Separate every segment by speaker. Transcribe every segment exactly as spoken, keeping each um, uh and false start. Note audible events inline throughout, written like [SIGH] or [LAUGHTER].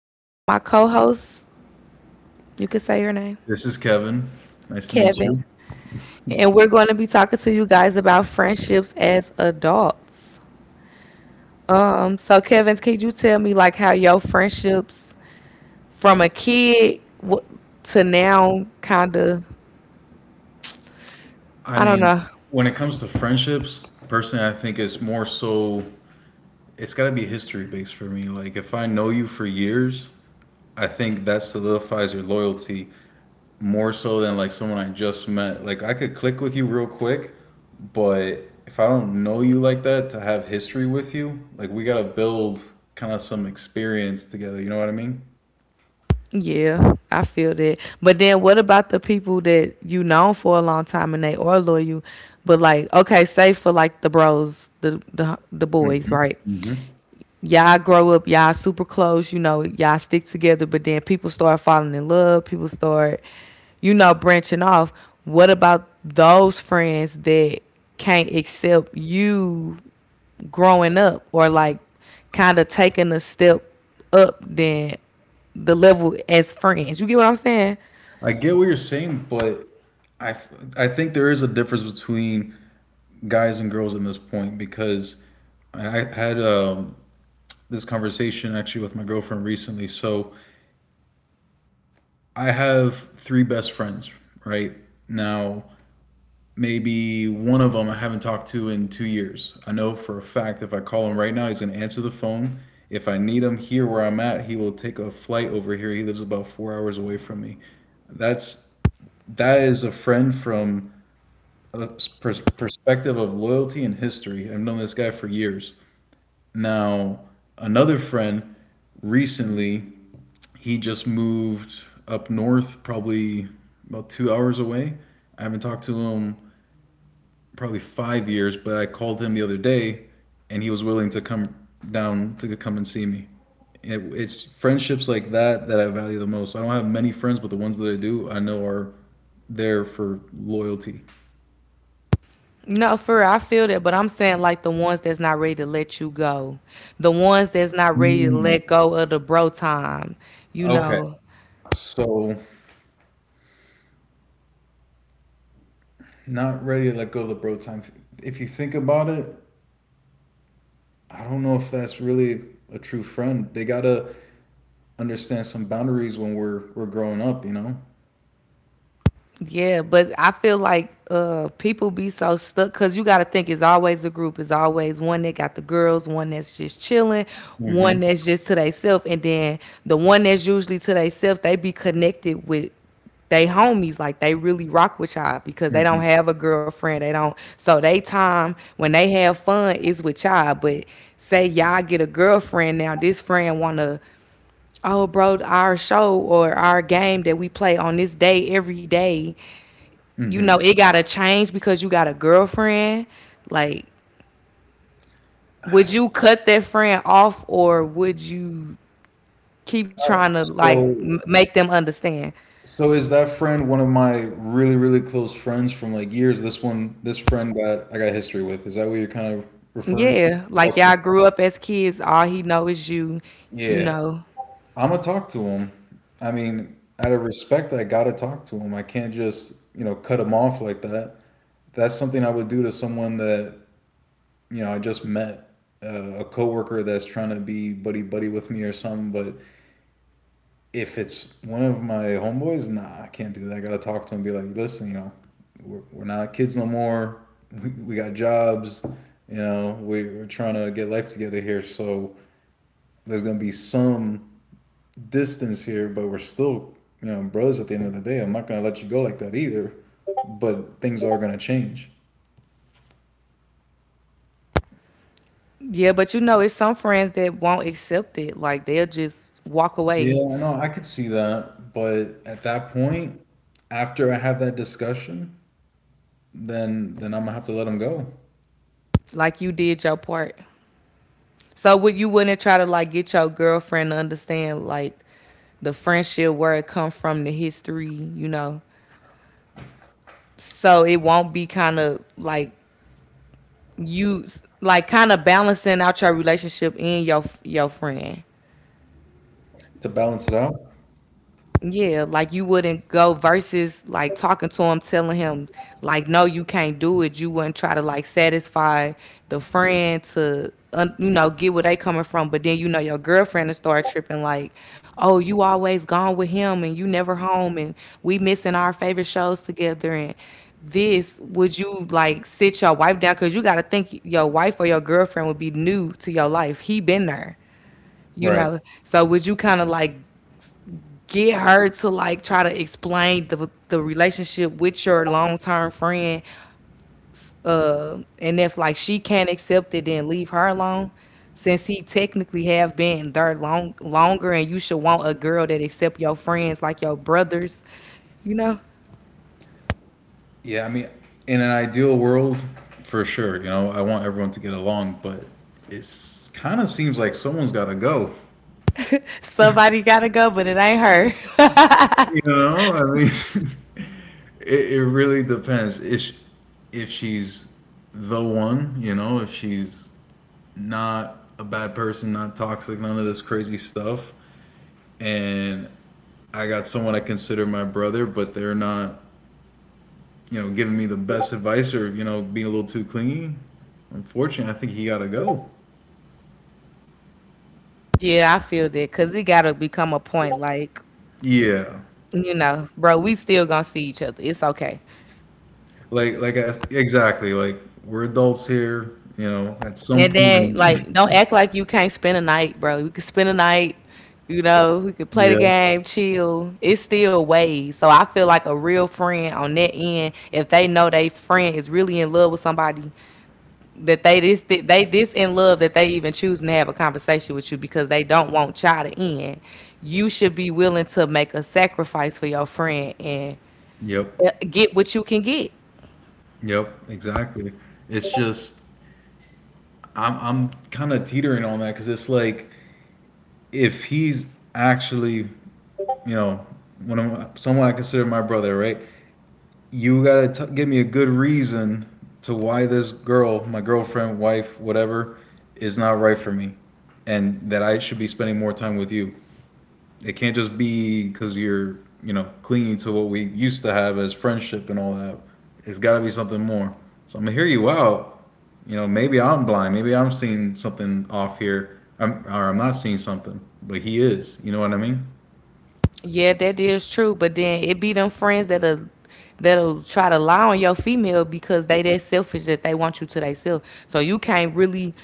Speaker 1: uh, with my co-host. You can say your name,
Speaker 2: This is Kevin. Nice to meet
Speaker 1: Kevin,
Speaker 2: you.
Speaker 1: and we're going to be talking to you guys about friendships as adults. Um, so Kevin, could you tell me like how your friendships from a kid w- to now, kind of,
Speaker 2: I
Speaker 1: I don't
Speaker 2: mean,
Speaker 1: know.
Speaker 2: when it comes to friendships, personally, I think it's more so, it's got to be history based for me. Like, if I know you for years, I think that solidifies your loyalty more so than like someone I just met. Like, I could click with you real quick, but if I don't know you like that, to have history with you, like, we got to build kind of some experience together. You know what I mean?
Speaker 1: Yeah, I feel that. But then what about the people that you known for a long time and they are loyal? But like, okay, say for like the bros, the the, the boys, right?
Speaker 2: Mhm.
Speaker 1: Y'all grow up, y'all super close, you know, y'all stick together, but then people start falling in love, people start, you know, branching off. What about those friends that can't accept you growing up or like kind of taking a step up than the level as friends? You get what I'm saying?
Speaker 2: I get what you're saying, but I, I think there is a difference between guys and girls in this point because I I had um, this conversation actually with my girlfriend recently. So I have three best friends right now. Maybe one of them I haven't talked to in two years. I know for a fact if I call him right now, he's gonna answer the phone. If I need him here where I'm at, he will take a flight over here. He lives about four hours away from me. That's that is a friend from a pers- perspective of loyalty and history. I've known this guy for years. Now, another friend recently, he just moved up north, probably about two hours away. I haven't talked to him probably five years, but I called him the other day, and he was willing to come down to come and see me. It, it's friendships like that that I value the most. I don't have many friends, but the ones that I do, I know are there for loyalty.
Speaker 1: No, for real, I feel that, but I'm saying like the ones that's not ready to let you go, the ones that's not ready to
Speaker 2: Mm.
Speaker 1: let go of the bro time, you
Speaker 2: Okay.
Speaker 1: know.
Speaker 2: So, not ready to let go of the bro time. If you think about it, I don't know if that's really a true friend. They gotta understand some boundaries when we're we're growing up, you know?
Speaker 1: Yeah, but I feel like uh people be so stuck because you got to think it's always a group. It's always one that got the girls, one that's just chilling,
Speaker 2: hmm
Speaker 1: one that's just to theyself, and then the one that's usually to theyself, they be connected with they homies like they really rock with y'all because they don't
Speaker 2: hmm
Speaker 1: have a girlfriend they don't so they time when they have fun is with y'all. But say y'all get a girlfriend, now this friend wanna, oh bro, our show or our game that we play on this day every day, you
Speaker 2: hmm
Speaker 1: know it gotta change because you got a girlfriend. Like, would you cut that friend off, or would you keep trying to like
Speaker 2: So,
Speaker 1: m- make them understand?
Speaker 2: so is that friend one of my really, really close friends from like years? This one, this friend got I got history with. Is that what you're kind of referring to?
Speaker 1: Yeah, like
Speaker 2: Okay.
Speaker 1: y'all grew up as kids, all he know is you, you
Speaker 2: Yeah.
Speaker 1: know.
Speaker 2: I'm gonna talk to him. I mean, out of respect, I gotta talk to him. I can't just, you know, cut him off like that. That's something I would do to someone that, you know, I just met, uh, a coworker that's trying to be buddy buddy with me or something. But if it's one of my homeboys, nah, I can't do that. I gotta talk to him and be like, listen, you know, we're, we're not kids no more. We, we got jobs. You know, we, we're trying to get life together here. So there's gonna be some distance here, but we're still, you know, brothers at the end of the day. I'm not gonna let you go like that either. But things are gonna change.
Speaker 1: Yeah, but you know it's some friends that won't accept it, like they'll just walk away.
Speaker 2: Yeah, I know, I could see that, but at that point, after I have that discussion, then then I'm gonna have to let him go
Speaker 1: Like you did your part, so would you, wouldn't try to like get your girlfriend to understand like the friendship, where it come from, the history, you know, so it won't be kind of like you, like kind of balancing out your relationship and your your friend.
Speaker 2: to balance it out.
Speaker 1: Yeah, like you wouldn't go versus like talking to him, telling him like, no, you can't do it. You wouldn't try to like satisfy the friend to un- you know get where they coming from, but then you know your girlfriend will start tripping like, oh, you always gone with him and you never home, and we missing our favorite shows together, and this, would you like sit your wife down, because you got to think your wife or your girlfriend would be new to your life, he been there, you
Speaker 2: Right.
Speaker 1: know, so would you kind of like get her to like try to explain the the relationship with your long term friend. Uh, and if like she can't accept it, then leave her alone. Since he technically have been there long longer, and you should want a girl that accept your friends like your brothers, you know.
Speaker 2: Yeah, I mean, in an ideal world, for sure, you know, I want everyone to get along, but it's kind of seems like someone's gotta go.
Speaker 1: Somebody gotta go, but it ain't her. [LAUGHS]
Speaker 2: You know, I mean, [LAUGHS] it, it really depends. If sh- if she's the one, you know, if she's not a bad person, not toxic, none of this crazy stuff, and I got someone I consider my brother, but they're not, you know, giving me the best advice or you know being a little too clingy. Unfortunately, I think he gotta go.
Speaker 1: Yeah, I feel that, because it gotta become a point like,
Speaker 2: Yeah,
Speaker 1: you know, bro, we still gonna see each other. It's okay.
Speaker 2: like like I, exactly, like we're adults here, you know. At some
Speaker 1: And then,
Speaker 2: point,
Speaker 1: like, don't act like you can't spend a night, bro. You can spend a night, you know, we could play the
Speaker 2: [LAUGHS] yeah,
Speaker 1: game, chill. It's still ways. So I feel like a real friend on that end, if they know they friend is really in love with somebody, that they this, they this in love, that they even choose to have a conversation with you because they don't want y'all to end. You should be willing to make a sacrifice for your friend and
Speaker 2: yep.
Speaker 1: uh, get what you can get.
Speaker 2: Yep, exactly. It's just I'm I'm kind of teetering on that because it's like if he's actually, you know, one of my, someone I consider my brother, right? You gotta t- give me a good reason to why this girl, my girlfriend, wife, whatever, is not right for me, and that I should be spending more time with you. It can't just be because you're, you know, clinging to what we used to have as friendship and all that. It's got to be something more. So I'm gonna hear you out. You know, maybe I'm blind. Maybe I'm seeing something off here, I'm, or I'm not seeing something, but he is. You know what I mean?
Speaker 1: Yeah, that is true. But then it be them friends that'll that'll try to lie on your female because they that selfish, that they want you to themselves. So you can't really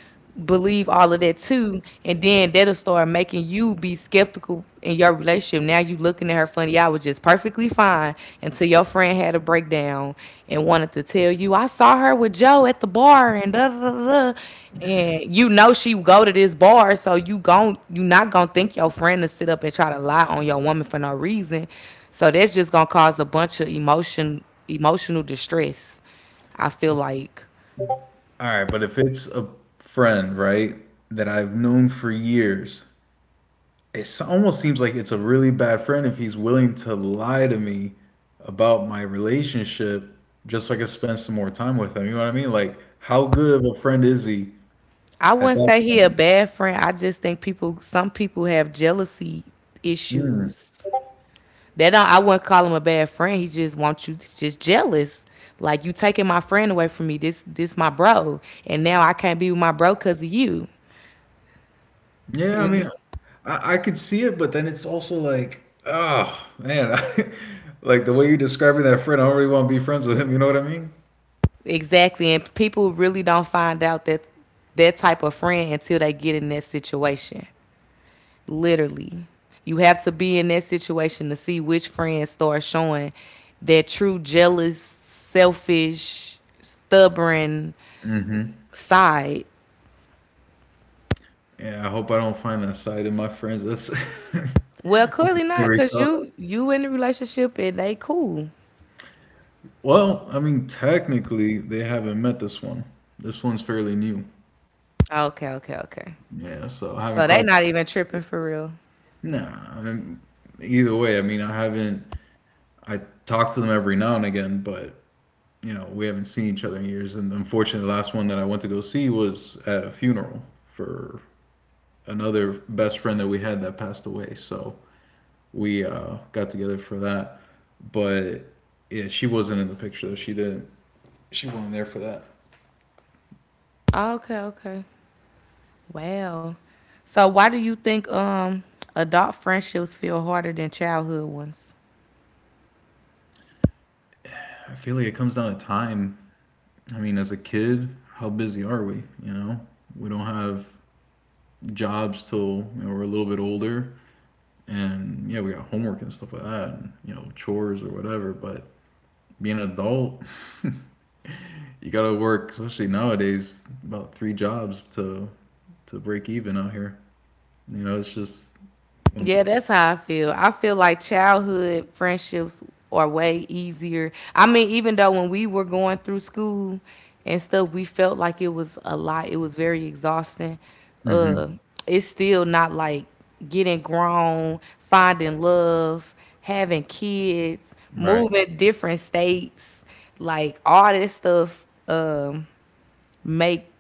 Speaker 1: believe all of that too. And then that'll start making you be skeptical in your relationship. Now you looking at her funny. I was just perfectly fine until your friend had a breakdown and wanted to tell you, I saw her with Joe at the bar and da da da da. And you know she go to this bar, so you gon' you not gonna think your friend to sit up and try to lie on your woman for no reason. So that's just gonna cause a bunch of emotion emotional distress. I feel like
Speaker 2: All right, but if it's a friend, right, that I've known for years, it almost seems like it's a really bad friend if he's willing to lie to me about my relationship just so I can spend some more time with him. You know what I mean? Like, how good of a friend is he
Speaker 1: I
Speaker 2: at
Speaker 1: wouldn't
Speaker 2: that
Speaker 1: say he a
Speaker 2: point?
Speaker 1: bad friend. I just think people some people have jealousy
Speaker 2: Mm.
Speaker 1: issues. They don't, I wouldn't call him a bad friend. He just wants, you just jealous. Like, you taking my friend away from me. This this my bro. And now I can't be with my bro because of you.
Speaker 2: Yeah, I
Speaker 1: You know?
Speaker 2: mean, I, I could see it, but then it's also like, oh man, [LAUGHS] I, like the way you're describing that friend, I don't really want to be friends with him. You know what I mean?
Speaker 1: Exactly. And people really don't find out that that type of friend until they get in that situation. Literally. You have to be in that situation to see which friends start showing their true jealous, selfish, stubborn
Speaker 2: hmm
Speaker 1: side.
Speaker 2: Yeah, I hope I don't find that side in my friends. That's [LAUGHS]
Speaker 1: Well,
Speaker 2: that's a
Speaker 1: clearly not,
Speaker 2: scary
Speaker 1: cause
Speaker 2: thought.
Speaker 1: you you in the relationship and they cool.
Speaker 2: Well, I mean, technically, they haven't met this one. This one's fairly new.
Speaker 1: Okay, okay, okay.
Speaker 2: Yeah, so I
Speaker 1: So
Speaker 2: haven't
Speaker 1: they
Speaker 2: crossed.
Speaker 1: not even tripping for real.
Speaker 2: Nah, I mean, either way, I mean, I haven't. I talk to them every now and again, but you know, we haven't seen each other in years. And unfortunately, the last one that I went to go see was at a funeral for another best friend that we had that passed away. So we uh, got together for that, but yeah, she wasn't in the picture. She didn't. She wasn't there for that.
Speaker 1: Okay, okay. Wow. So why do you think um adult friendships feel harder than childhood ones?
Speaker 2: I feel like it comes down to time. I mean, as a kid, how busy are we? You know, we don't have jobs till you know, we're a little bit older, and yeah, we got homework and stuff like that, and, you know, chores or whatever. But being an adult, [LAUGHS] you gotta work, especially nowadays, about three jobs to to break even out here. You know, it's just.
Speaker 1: Yeah, that's how I feel. I feel like childhood friendships are way easier. I mean, even though when we were going through school and stuff, we felt like it was a lot. It was very exhausting.
Speaker 2: Mm-hmm.
Speaker 1: Uh, it's still not like getting grown, finding love, having kids,
Speaker 2: Right.
Speaker 1: moving different states, like all this stuff. Um, make,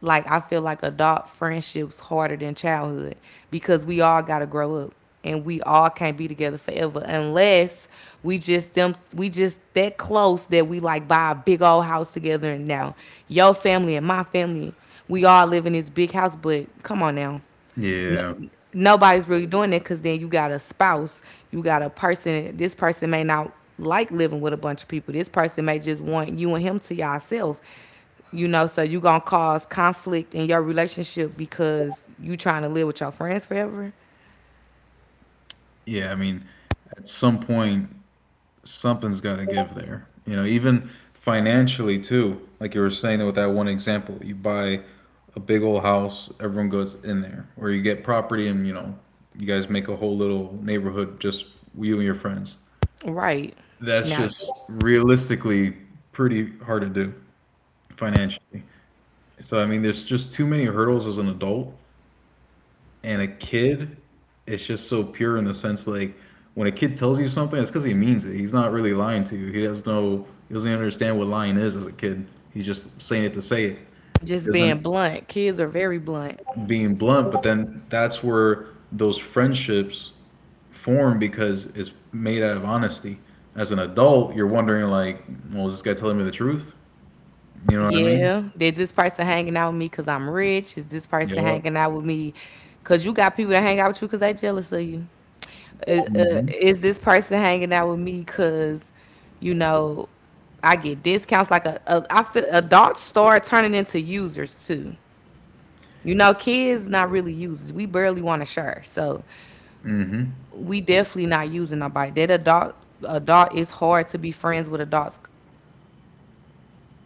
Speaker 1: like, I feel like adult friendships harder than childhood because we all got to grow up, and we all can't be together forever unless we just them we just that close that we like buy a big old house together, and now your family and my family, we all live in this big house. But come on now,
Speaker 2: Yeah.
Speaker 1: nobody's really doing it, because then you got a spouse, you got a person. This person may not like living with a bunch of people. This person may just want you and him to yourself. You know, so you gonna cause conflict in your relationship because you trying to live with your friends forever.
Speaker 2: Yeah. I mean, at some point, something's got to give there. You know, even financially too. Like you were saying with that one example, you buy a big old house, everyone goes in there, or you get property and you know you guys make a whole little neighborhood just you and your friends.
Speaker 1: Right.
Speaker 2: That's
Speaker 1: Now,
Speaker 2: just realistically pretty hard to do financially. So I mean, there's just too many hurdles as an adult and a kid it's just so pure in the sense like when a kid tells you something it's because he means it he's not really lying to you he has no he doesn't understand what lying is as a kid he's just saying it to say it he
Speaker 1: just being
Speaker 2: doesn't
Speaker 1: blunt. Kids are very blunt.
Speaker 2: being blunt but then that's where those friendships form because it's made out of honesty as an adult you're wondering like well is this guy telling me the truth you know what I mean
Speaker 1: Yeah, did this person hanging out with me because I'm rich? Is this person
Speaker 2: yeah
Speaker 1: hanging out with me because you got people that hang out with you because they jealous of you? Is, uh,
Speaker 2: hmm
Speaker 1: is this person hanging out with me because, you know, I get discounts? Like a, a I feel adults start turning into users too. You know, kids not really users. We barely want to share, so
Speaker 2: hmm
Speaker 1: we definitely not using nobody. That adult adult is hard to be friends with adults because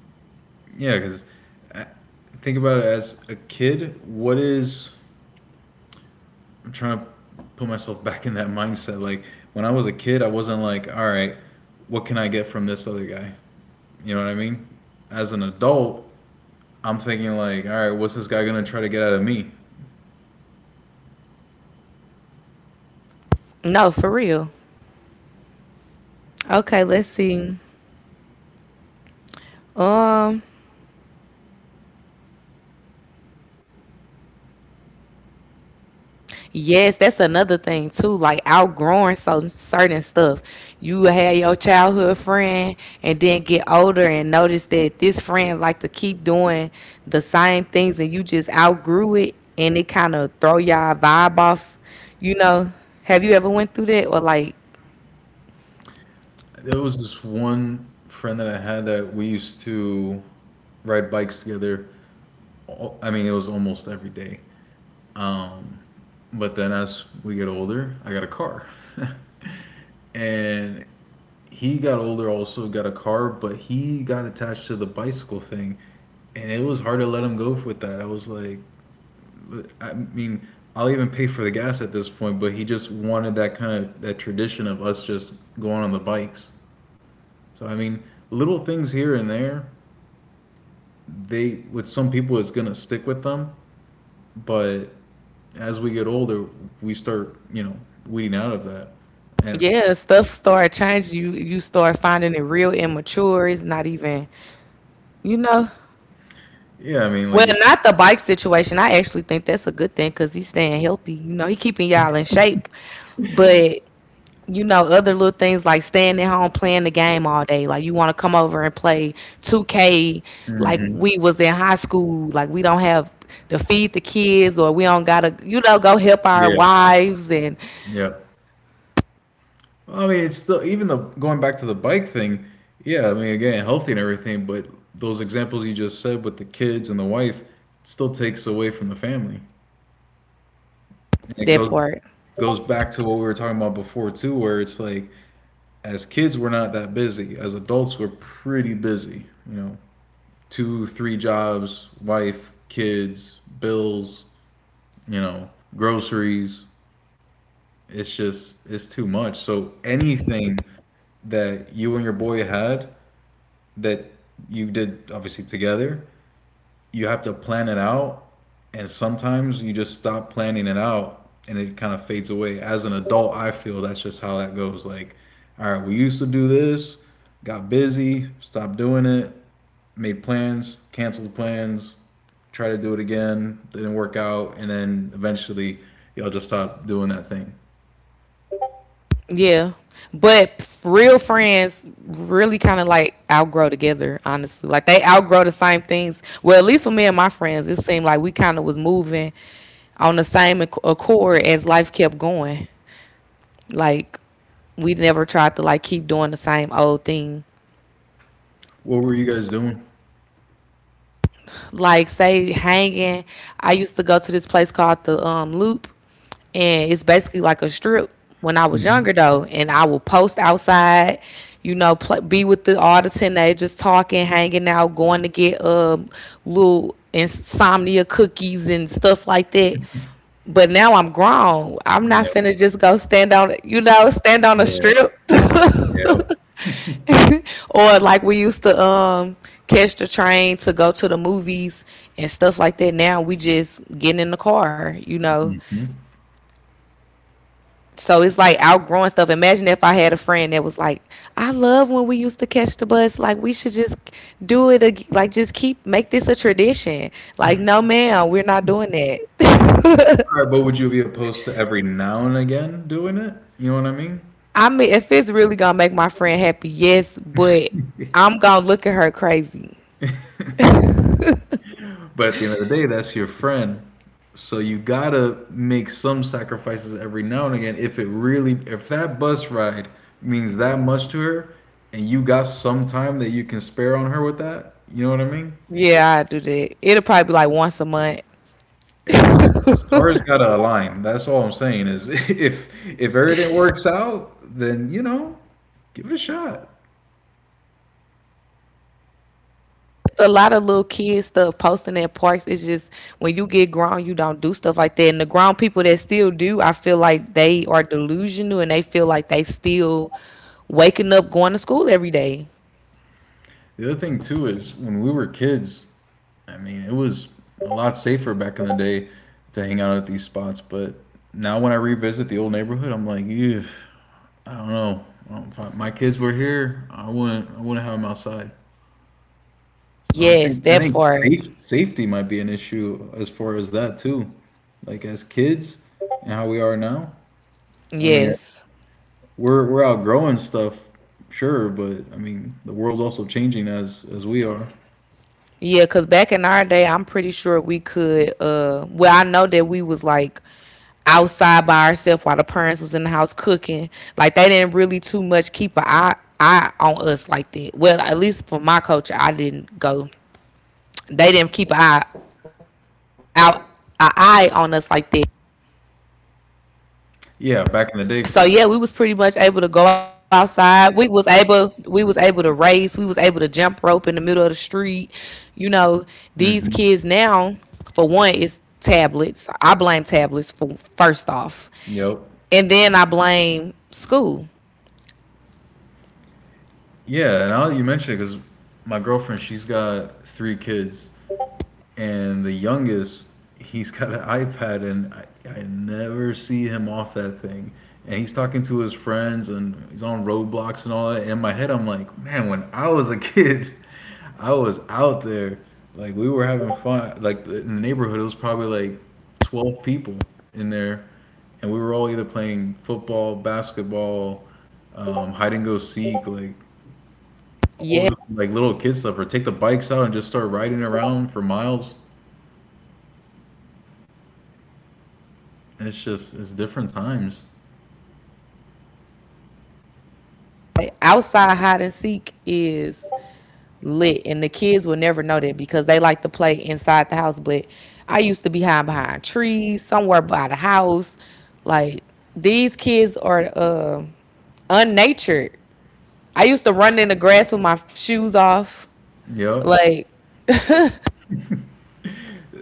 Speaker 1: people don't be
Speaker 2: yeah
Speaker 1: in
Speaker 2: because
Speaker 1: its. Uh,
Speaker 2: think about it as a
Speaker 1: People
Speaker 2: kid what
Speaker 1: don't be in
Speaker 2: is
Speaker 1: it to be your friend.
Speaker 2: I'm trying to put myself back in that mindset. Like when I was a kid, I wasn't like, all right, what can I get from this other guy? You know what I mean? As an adult, I'm thinking like, all right, what's this guy gonna try to get out of me?
Speaker 1: No, for real. Okay, let's see. Yes, that's another thing too, like outgrowing so certain stuff. You had your childhood friend and then get older and notice that this friend like to keep doing the same things and you just outgrew it and it kind of throw y'all vibe off. You know, have you ever went through that or like,
Speaker 2: There was this one friend that I had that we used to ride bikes together. all- I mean, it was almost every day. Um, but then as we get older, I got a car. [LAUGHS] and he got older, also got a car, but he got attached to the bicycle thing. And it was hard to let him go with that. I was like, I mean, I'll even pay for the gas at this point, but he just wanted that kind of that tradition of us just going on the bikes. So I mean, little things here and there, they with some people it's gonna stick with them, but as we get older, we start, you know, weeding out of that. And
Speaker 1: yeah, stuff start changing. You you start finding it real immature. It's not even, you know.
Speaker 2: yeah, I mean, like,
Speaker 1: Well,
Speaker 2: if,
Speaker 1: not the bike situation. I actually think that's a good thing because he's staying healthy. You know, he keeping y'all in shape. But you know, other little things like staying at home playing the game all day. Like you want to come over and play two K. Like
Speaker 2: Mhm.
Speaker 1: we was in high school. Like we don't have to feed the kids, or we don't gotta, you know, go help our
Speaker 2: yeah,
Speaker 1: wives and
Speaker 2: yeah. I mean, it's still even the going back to the bike thing. Yeah, I mean, again, healthy and everything, but those examples you just said with the kids and the wife still takes away from the family. And it
Speaker 1: that
Speaker 2: goes
Speaker 1: part.
Speaker 2: goes back to what we were talking about before too, where it's like as kids we're not that busy, as adults we're pretty busy, you know. Two, three jobs, wife, kids, bills, you know, groceries. It's just it's too much. So anything that you and your boy had that you did obviously together, you have to plan it out, and sometimes you just stop planning it out and it kind of fades away as an adult. I feel that's just how that goes. Like, all right, we used to do this, got busy, stopped doing it, made plans, canceled plans, try to do it again, didn't work out, and then eventually y'all just stopped doing that thing.
Speaker 1: Yeah. But real friends really kind of like outgrow together, honestly. Like they outgrow the same things. Well, at least for me and my friends, it seemed like we kind of was moving on the same acc- accord as life kept going. Like we never tried to like keep doing the same old thing,
Speaker 2: What were you guys doing?
Speaker 1: like say hanging. I used to go to this place called the um, Loop, and it's basically like a strip. When I was
Speaker 2: Mm-hmm.
Speaker 1: younger though, and I would post outside, you know, pl- be with the all the teenagers, talking, hanging out, going to get um little insomnia cookies and stuff like that. But now I'm grown. I'm not
Speaker 2: Yeah,
Speaker 1: finna just go stand on, you know, stand on a
Speaker 2: yeah,
Speaker 1: strip
Speaker 2: yeah.
Speaker 1: [LAUGHS] or like we used to um catch the train to go to the movies and stuff like that. Now we just getting in the car, you know.
Speaker 2: Mm-hmm.
Speaker 1: So it's like outgrowing stuff. Imagine if I had a friend that was like, I love when we used to catch the bus, like we should just do it ag- like just keep make this a tradition. Like, no ma'am, we're not doing that.
Speaker 2: All right, but would you be opposed to every now and again doing it, you know what I mean?
Speaker 1: [LAUGHS] i mean if it's really gonna make my friend happy, yes, but I'm gonna look at her crazy.
Speaker 2: But at the end of the day, that's your friend. So you gotta make some sacrifices every now and again. If it really, if that bus ride means that much to her, and you got some time that you can spare on her with that, you know what I mean?
Speaker 1: Yeah, I do that, it'll probably be like once a month.
Speaker 2: Hey, stars gotta align. That's all I'm saying is [LAUGHS] if if everything works out, then you know, give it a shot.
Speaker 1: A lot of little kids stuff, posting at parks. It's just, when you get grown, you don't do stuff like that, and the grown people that still do, I feel like they are delusional and they feel like they still waking up going to school every day.
Speaker 2: The other thing too is when we were kids, I mean, it was a lot safer back in the day to hang out at these spots. But now when I revisit the old neighborhood, I'm like, ew, I don't know. Well, if I- my kids were here, I wouldn't. I wouldn't have them outside. So I think
Speaker 1: Yes,
Speaker 2: I
Speaker 1: that
Speaker 2: think
Speaker 1: part.
Speaker 2: safe, safety might be an issue as far as that too. Like as kids and how we are now. I mean,
Speaker 1: Yes.
Speaker 2: we're we're outgrowing stuff, sure, but I mean the world's also changing as as we are.
Speaker 1: Yeah, because back in our day, I'm pretty sure we could uh well, I know that we was like outside by ourselves while the parents was in the house cooking. Like they didn't really too much keep an eye eye on us like that. Well, at least for my culture, I didn't go they didn't keep an eye out an eye on us like that.
Speaker 2: Yeah, back in the day
Speaker 1: So
Speaker 2: for
Speaker 1: yeah, we was pretty much able to go outside. We was able we was able to race. We was able to jump rope in the middle of the street. You know, these kids
Speaker 2: hmm.
Speaker 1: now, for one, is tablets. I blame tablets for first off.
Speaker 2: Yep.
Speaker 1: And then I blame school.
Speaker 2: Yeah, and now that you mention it, because my girlfriend, she's got three kids, and the youngest, he's got an ipad, and I, I never see him off that thing, and he's talking to his friends and he's on roadblocks and all that. And in my head I'm like, man, when I was a [LAUGHS] kid, I was out there. Like, we were having fun, like in the neighborhood. It was probably like twelve people in there, and we were all either playing football, basketball, um, hide and go seek, like all this,
Speaker 1: Yeah.
Speaker 2: like little kid stuff, or take the bikes out and just start riding around for miles. It's just it's different times.
Speaker 1: Outside hide and seek is lit, and the kids will never know that because they like to play inside the house. But I used to be hiding behind trees somewhere by the house, like, these kids are uh, unnatured. I used to run in the grass with my shoes off,
Speaker 2: Yep.
Speaker 1: like.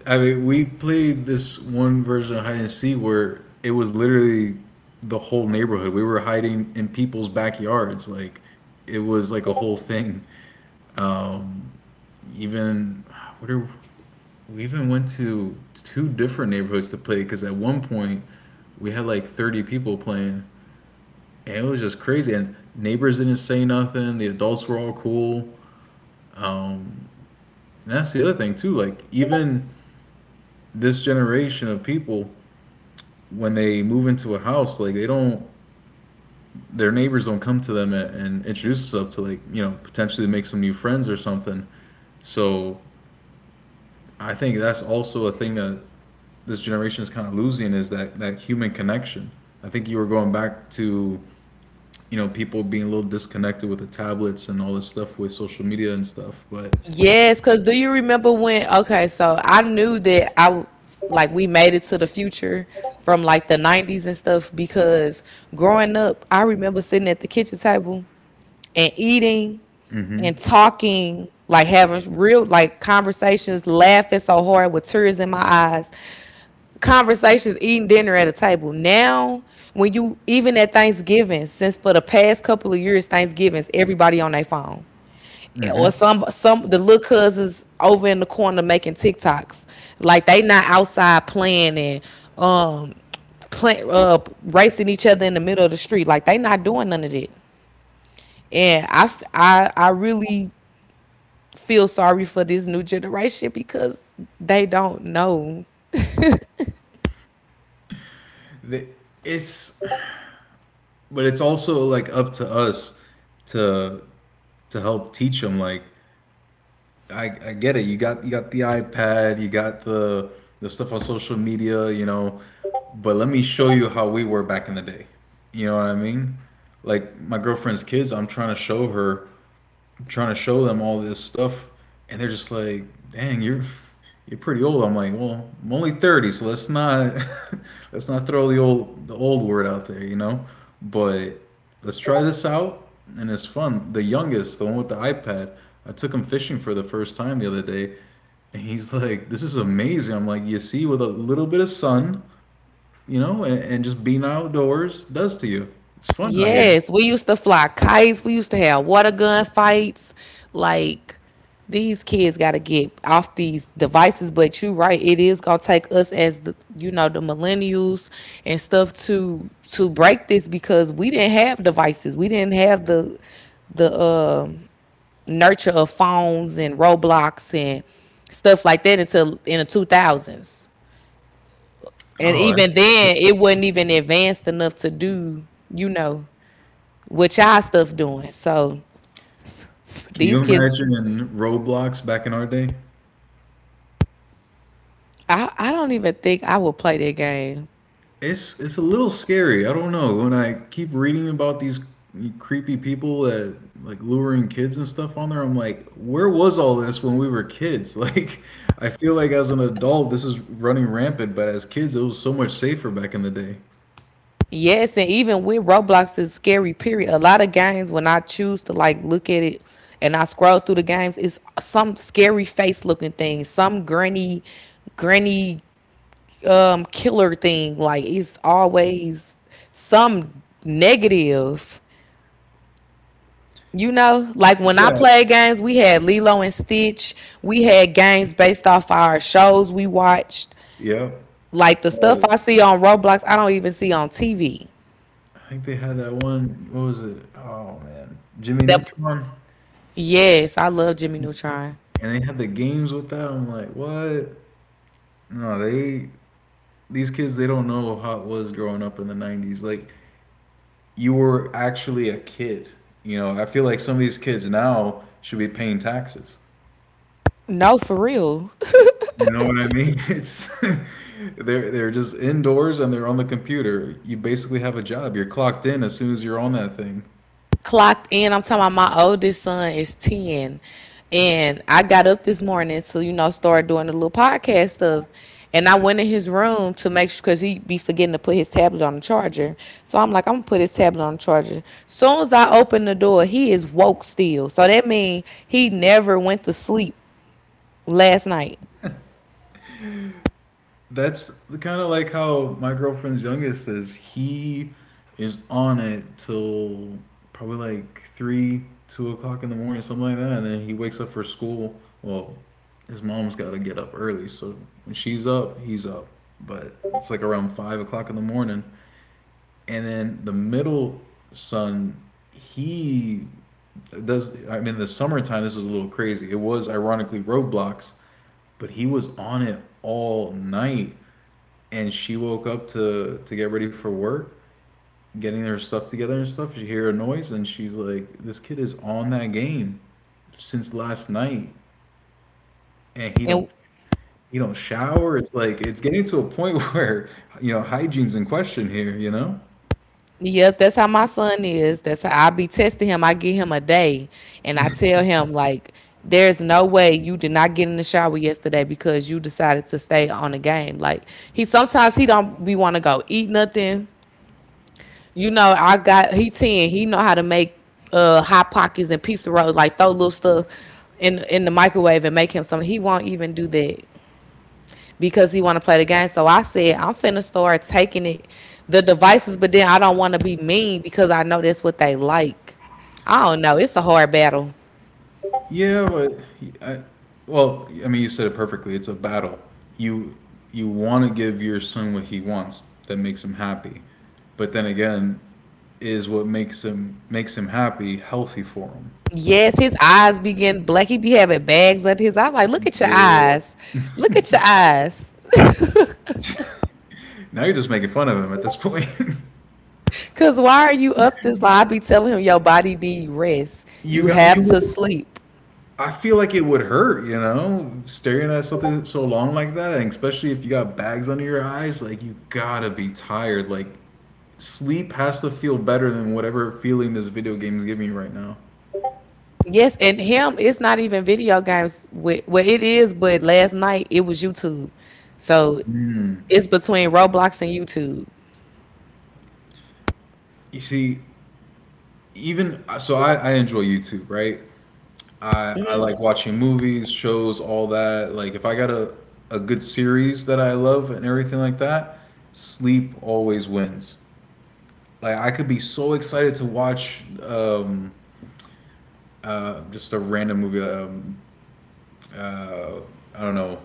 Speaker 2: I mean, we played this one version of hide and seek where it was literally the whole neighborhood. We were hiding in people's backyards. Like it was like a whole thing. Um, even what are we even went to two different neighborhoods to play because at one point we had like thirty people playing, and it was just crazy, and neighbors didn't say nothing, the adults were all cool. And that's the other thing too, like, even this generation of people, when they move into a house, like they don't, their neighbors don't come to them and, and introduce themselves to, like, you know, potentially make some new friends or something. So I think that's also a thing that this generation is kind of losing, is that that human connection. I think you were going back to, you know, people being a little disconnected with the tablets and all this stuff with social media and stuff, but
Speaker 1: Yes, because do you remember when, okay, so I knew that i w- like we made it to the future from like the nineties and stuff, because growing up, I remember sitting at the kitchen table and eating
Speaker 2: mm-hmm,
Speaker 1: and talking, like having real like conversations, laughing so hard with tears in my eyes. Conversations, eating dinner at a table. Now, when you even at Thanksgiving, since for the past couple of years, Thanksgivings, everybody on their phone.
Speaker 2: mm-hmm.
Speaker 1: Or some some the little cousins over in the corner making TikToks. Like they not outside playing and um play, uh racing each other in the middle of the street. Like they not doing none of that. And I, f- I, I really feel sorry for this new generation because they don't know.
Speaker 2: They, it's, but it's also like up to us to to help teach them. Like, I, I get it, you got, you got the ipad, you got the the stuff on social media, you know, but let me show you how we were back in the day, you know what I mean. Like my girlfriend's kids, I'm trying to show her, trying to show them all this stuff, and they're just like, "Dang, you're you're pretty old." I'm like, "Well, I'm only thirty, so let's not [LAUGHS] let's not throw the old the old word out there, you know." But let's try this out, and it's fun. The youngest, the one with the iPad, I took him fishing for the first time the other day, and he's like, "This is amazing." I'm like, "You see, with a little bit of sun, you know, and, and just being outdoors, does to you. It's fun out here."
Speaker 1: Yes, we used to fly kites. We used to have water gun fights. Like, these kids got to get off these devices. But you're right. It is gonna take us as the, you know, the millennials and stuff to to break this, because we didn't have devices. We didn't have the the um nurture of phones and Roblox and stuff like that until in the two thousands. And
Speaker 2: Oh,
Speaker 1: even
Speaker 2: that's good.
Speaker 1: then, it wasn't even advanced enough to do, you know, what y'all stuff doing. So
Speaker 2: Can you
Speaker 1: these kids,
Speaker 2: imagine in Roblox back in our day?
Speaker 1: I, I don't even think I would play that game.
Speaker 2: It's it's a little scary. I don't know. When I keep reading about these creepy people that like luring kids and stuff on there, I'm like, where was all this when we were kids? [LAUGHS] Like, I feel like as an adult, this is running rampant, but as kids, it was so much safer back in the day.
Speaker 1: Yes, and even with Roblox is scary period. A lot of games when I choose to like look at it and I scroll through the games, it's some scary face looking thing, some granny granny um killer thing, like it's always some negative, you know. Like when I
Speaker 2: Yeah.
Speaker 1: played games, we had Lilo and Stitch. We had games based off our shows we watched.
Speaker 2: Yep.
Speaker 1: Like the stuff
Speaker 2: Uh,
Speaker 1: I see on Roblox I don't even see on TV.
Speaker 2: I think they had that one. What was it? Oh man, Jimmy
Speaker 1: That
Speaker 2: Neutron.
Speaker 1: yes, I love Jimmy Neutron.
Speaker 2: And they had the games with that. I'm like, what? No, they, these kids, they don't know how it was growing up in the nineties. Like, you were actually a kid, you know. I feel like some of these kids now should be paying taxes,
Speaker 1: No, for real.
Speaker 2: you know what I mean. It's [LAUGHS] they're they're just indoors and they're on the computer. You basically have a job, you're clocked in as soon as you're on that thing.
Speaker 1: Clocked in. I'm talking about my oldest son is ten. And I got up this morning to, you know, start doing the little podcast stuff. And I went in his room to make sure, because he he'd be forgetting to put his tablet on the charger. So I'm like, I'm going to put his tablet on the charger. Soon as I open the door, he is woke still. So that means he never went to sleep last night.
Speaker 2: That's kind of like how my girlfriend's youngest is. He is on it till probably like three, two o'clock in the morning, something like that, and then he wakes up for school. Well, his mom's got to get up early, so when she's up, he's up. But it's like around five o'clock in the morning, and then the middle son, he does. I mean, in the summertime, this was a little crazy. It was ironically Roblox, but he was on it all night, and she woke up to to get ready for work, getting her stuff together and stuff. She hear a noise and she's like, "This kid is on that game since last night, and he don't
Speaker 1: And
Speaker 2: he don't shower." It's like it's getting to a point [LAUGHS] where, you know, hygiene's in question here. You know?
Speaker 1: yep, that's how my son is. That's how I be testing him. I give him a day and I tell him like, there's no way you did not get in the shower yesterday because you decided to stay on the game. Like, he sometimes he don't be want to go eat nothing. You know, I got he ten. He know how to make uh hot pockets and pizza rolls, like throw little stuff in in the microwave and make him something. He won't even do that because he want to play the game. So I said, I'm finna start taking it, the devices, but then I don't want to be mean because I know that's what they like. I don't know. It's a hard battle.
Speaker 2: Yeah, but I, well, I mean, you said it perfectly. It's a battle. You you want to give your son what he wants that makes him happy, but then again, is what makes him makes him happy healthy for him?
Speaker 1: Yes, his eyes begin black. He be having bags under his eye. I'm like, look at your
Speaker 2: Yeah.
Speaker 1: eyes. Look at your eyes.
Speaker 2: [LAUGHS] Now you're just making fun of him at this point. [LAUGHS]
Speaker 1: Cause why are you up this lie? I be telling him, your body need rest.
Speaker 2: You
Speaker 1: You
Speaker 2: got you
Speaker 1: have to
Speaker 2: would,
Speaker 1: sleep.
Speaker 2: I feel like it would hurt, you know, staring at something so long like that, and especially if you got bags under your eyes, like you gotta be tired. Like sleep has to feel better than whatever feeling this video game is giving you right now.
Speaker 1: Yes, and him, it's not even video games with, well, it is, but last night it was YouTube. So
Speaker 2: Mm.
Speaker 1: it's between Roblox and YouTube.
Speaker 2: You see, even so, I, I enjoy YouTube, right? I I like watching movies, shows, all that. Like if I got a a good series that I love and everything like that, sleep always wins. Like I could be so excited to watch um uh just a random movie. um uh I don't know,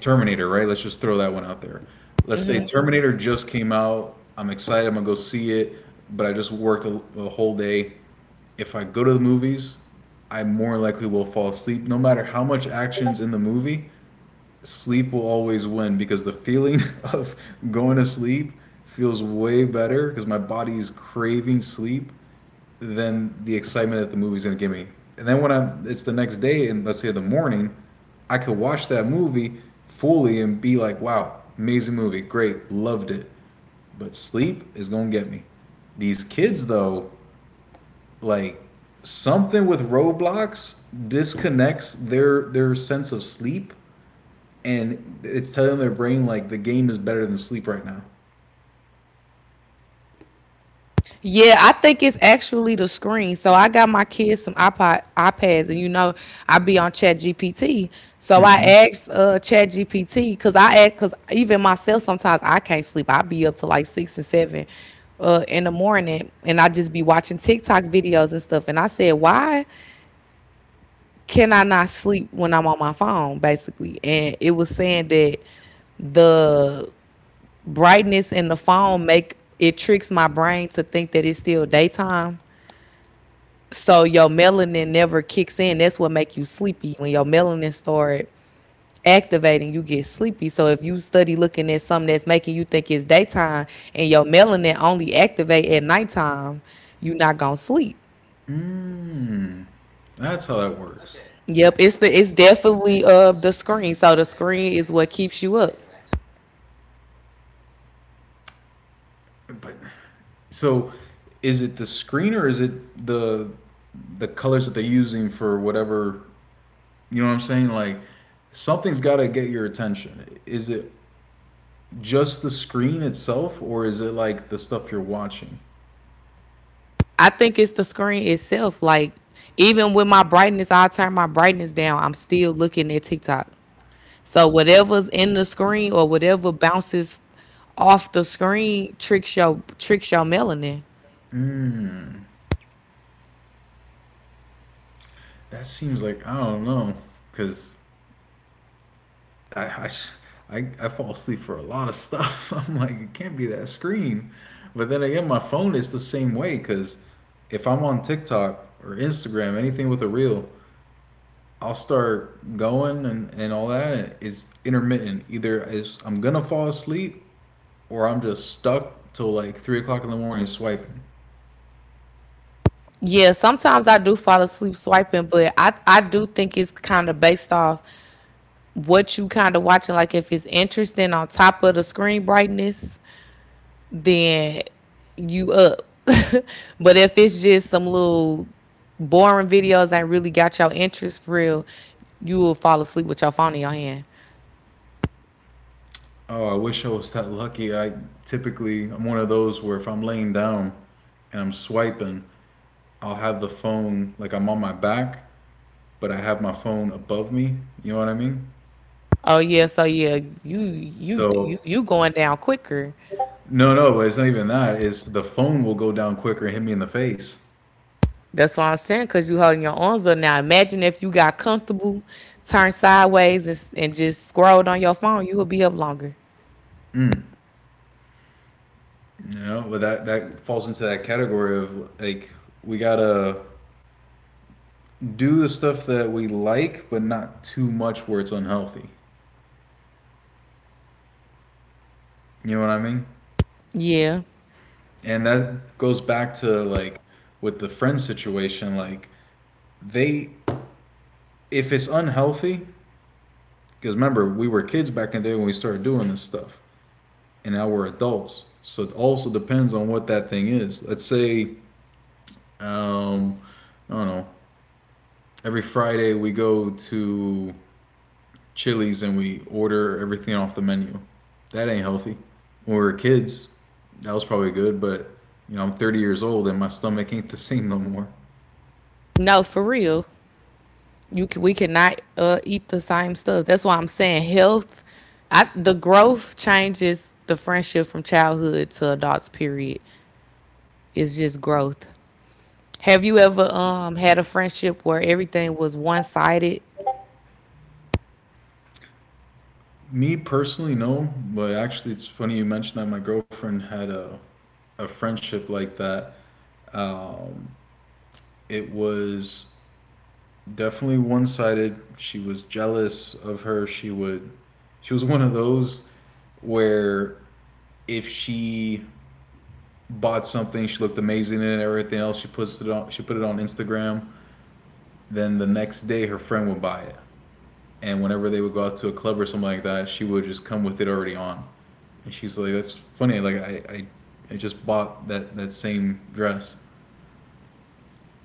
Speaker 2: Terminator, right? Let's just throw that one out there. Let's say Terminator just came out. I'm excited. I'm gonna go see it, but I just worked a, a whole day. If I go to the movies, I more likely will fall asleep. No matter how much action's in the movie, sleep will always win because the feeling [LAUGHS] of going to sleep feels way better because my body is craving sleep than the excitement that the movie's going to give me. And then when I it's the next day, and let's say the morning, I could watch that movie fully and be like, wow, amazing movie, great, loved it. But sleep is going to get me. These kids, though, like, something with Roblox disconnects their their sense of sleep, and it's telling their brain like the game is better than sleep right now.
Speaker 1: Yeah, I think it's actually the screen. So I got my kids some iPod iPads, and you know, I be on Chat G P T. So I
Speaker 2: Mhm.
Speaker 1: asked uh Chat G P T, because I act cause even myself, sometimes I can't sleep. I be up to like six and seven uh in the morning, and I just be watching TikTok videos and stuff. And I said, why can I not sleep when I'm on my phone, basically? And it was saying that the brightness in the phone make it tricks my brain to think that it's still daytime. So your melanin never kicks in. That's what make you sleepy. When your melanin start activating, you get sleepy. So if you study looking at something that's making you think it's daytime, and your melanin only activate at nighttime, you are not gonna sleep.
Speaker 2: Mm, that's how that works.
Speaker 1: Yep, it's the, it's definitely uh the screen. So the screen is what keeps you up.
Speaker 2: But so, is it the screen or is it the the colors that they're using for whatever? You know what I'm saying? Like something's got to get your attention. Is it just the screen itself, or is it like the stuff you're watching?
Speaker 1: I think it's the screen itself. Like even with my brightness, I turn my brightness down. I'm still looking at TikTok. So whatever's in the screen or whatever bounces off the screen tricks your tricks your melanin.
Speaker 2: Mm, that seems like I don't know, because I I I, I fall asleep for a lot of stuff. [LAUGHS] I'm like, it can't be that screen. But then again, my phone is the same way, because if I'm on TikTok or Instagram, anything with a reel, I'll start going, and, and all that, and it's intermittent. Either it's, I'm gonna fall asleep or I'm just stuck till like three o'clock in the morning swiping.
Speaker 1: Yeah, sometimes I do fall asleep swiping, but I, I do think it's kind of based off what you kind of watching. Like if it's interesting on top of the screen brightness, then you up. [LAUGHS] But if it's just some little boring videos that really got your interest for real, you will fall asleep with your phone in your hand.
Speaker 2: Oh, I wish I was that lucky. I typically, I'm one of those where if I'm laying down and I'm swiping, I'll have the phone like I'm on my back, but I have my phone above me. You know what I mean?
Speaker 1: Oh yeah, so yeah, you you you
Speaker 2: So
Speaker 1: you going down quicker.
Speaker 2: no, no, but it's not even that. It's the phone will go down quicker and hit me in the face.
Speaker 1: That's what I'm saying, cause you holding your arms up now. Imagine if you got comfortable, turned sideways, and s- and just scrolled on your phone, you would be up longer.
Speaker 2: Mm. No, but that that falls into that category of like we gotta do the stuff that we like, but not too much where it's unhealthy. You know what I mean?
Speaker 1: Yeah,
Speaker 2: And that goes back to like with the friend situation. Like they, if it's unhealthy, because remember we were kids back in the day when we started doing this stuff, and now we're adults. So it also depends on what that thing is. Let's say, um, I don't know. Every Friday we go to Chili's and we order everything off the menu. That ain't healthy. When we were kids, that was probably good, but you know, I'm thirty years old and my stomach ain't the [LAUGHS] same no more.
Speaker 1: no, for real. You can, we cannot uh, eat the same stuff. That's why I'm saying health. I, the growth changes the friendship from childhood to adults. Period. It's just growth. Have you ever um had a friendship where everything was one sided?
Speaker 2: Me personally, no, but actually, it's funny you mentioned that my girlfriend had a, a friendship like that. Um, it was definitely one sided. She was jealous of her. She would, she was one of those where if she bought something. She looked amazing in it and everything else. She puts it on. She put it on Instagram. Then the next day, her friend would buy it, and whenever they would go out to a club or something like that, she would just come with it already on. And she's like, "That's funny. Like I, I, I just bought that that same dress."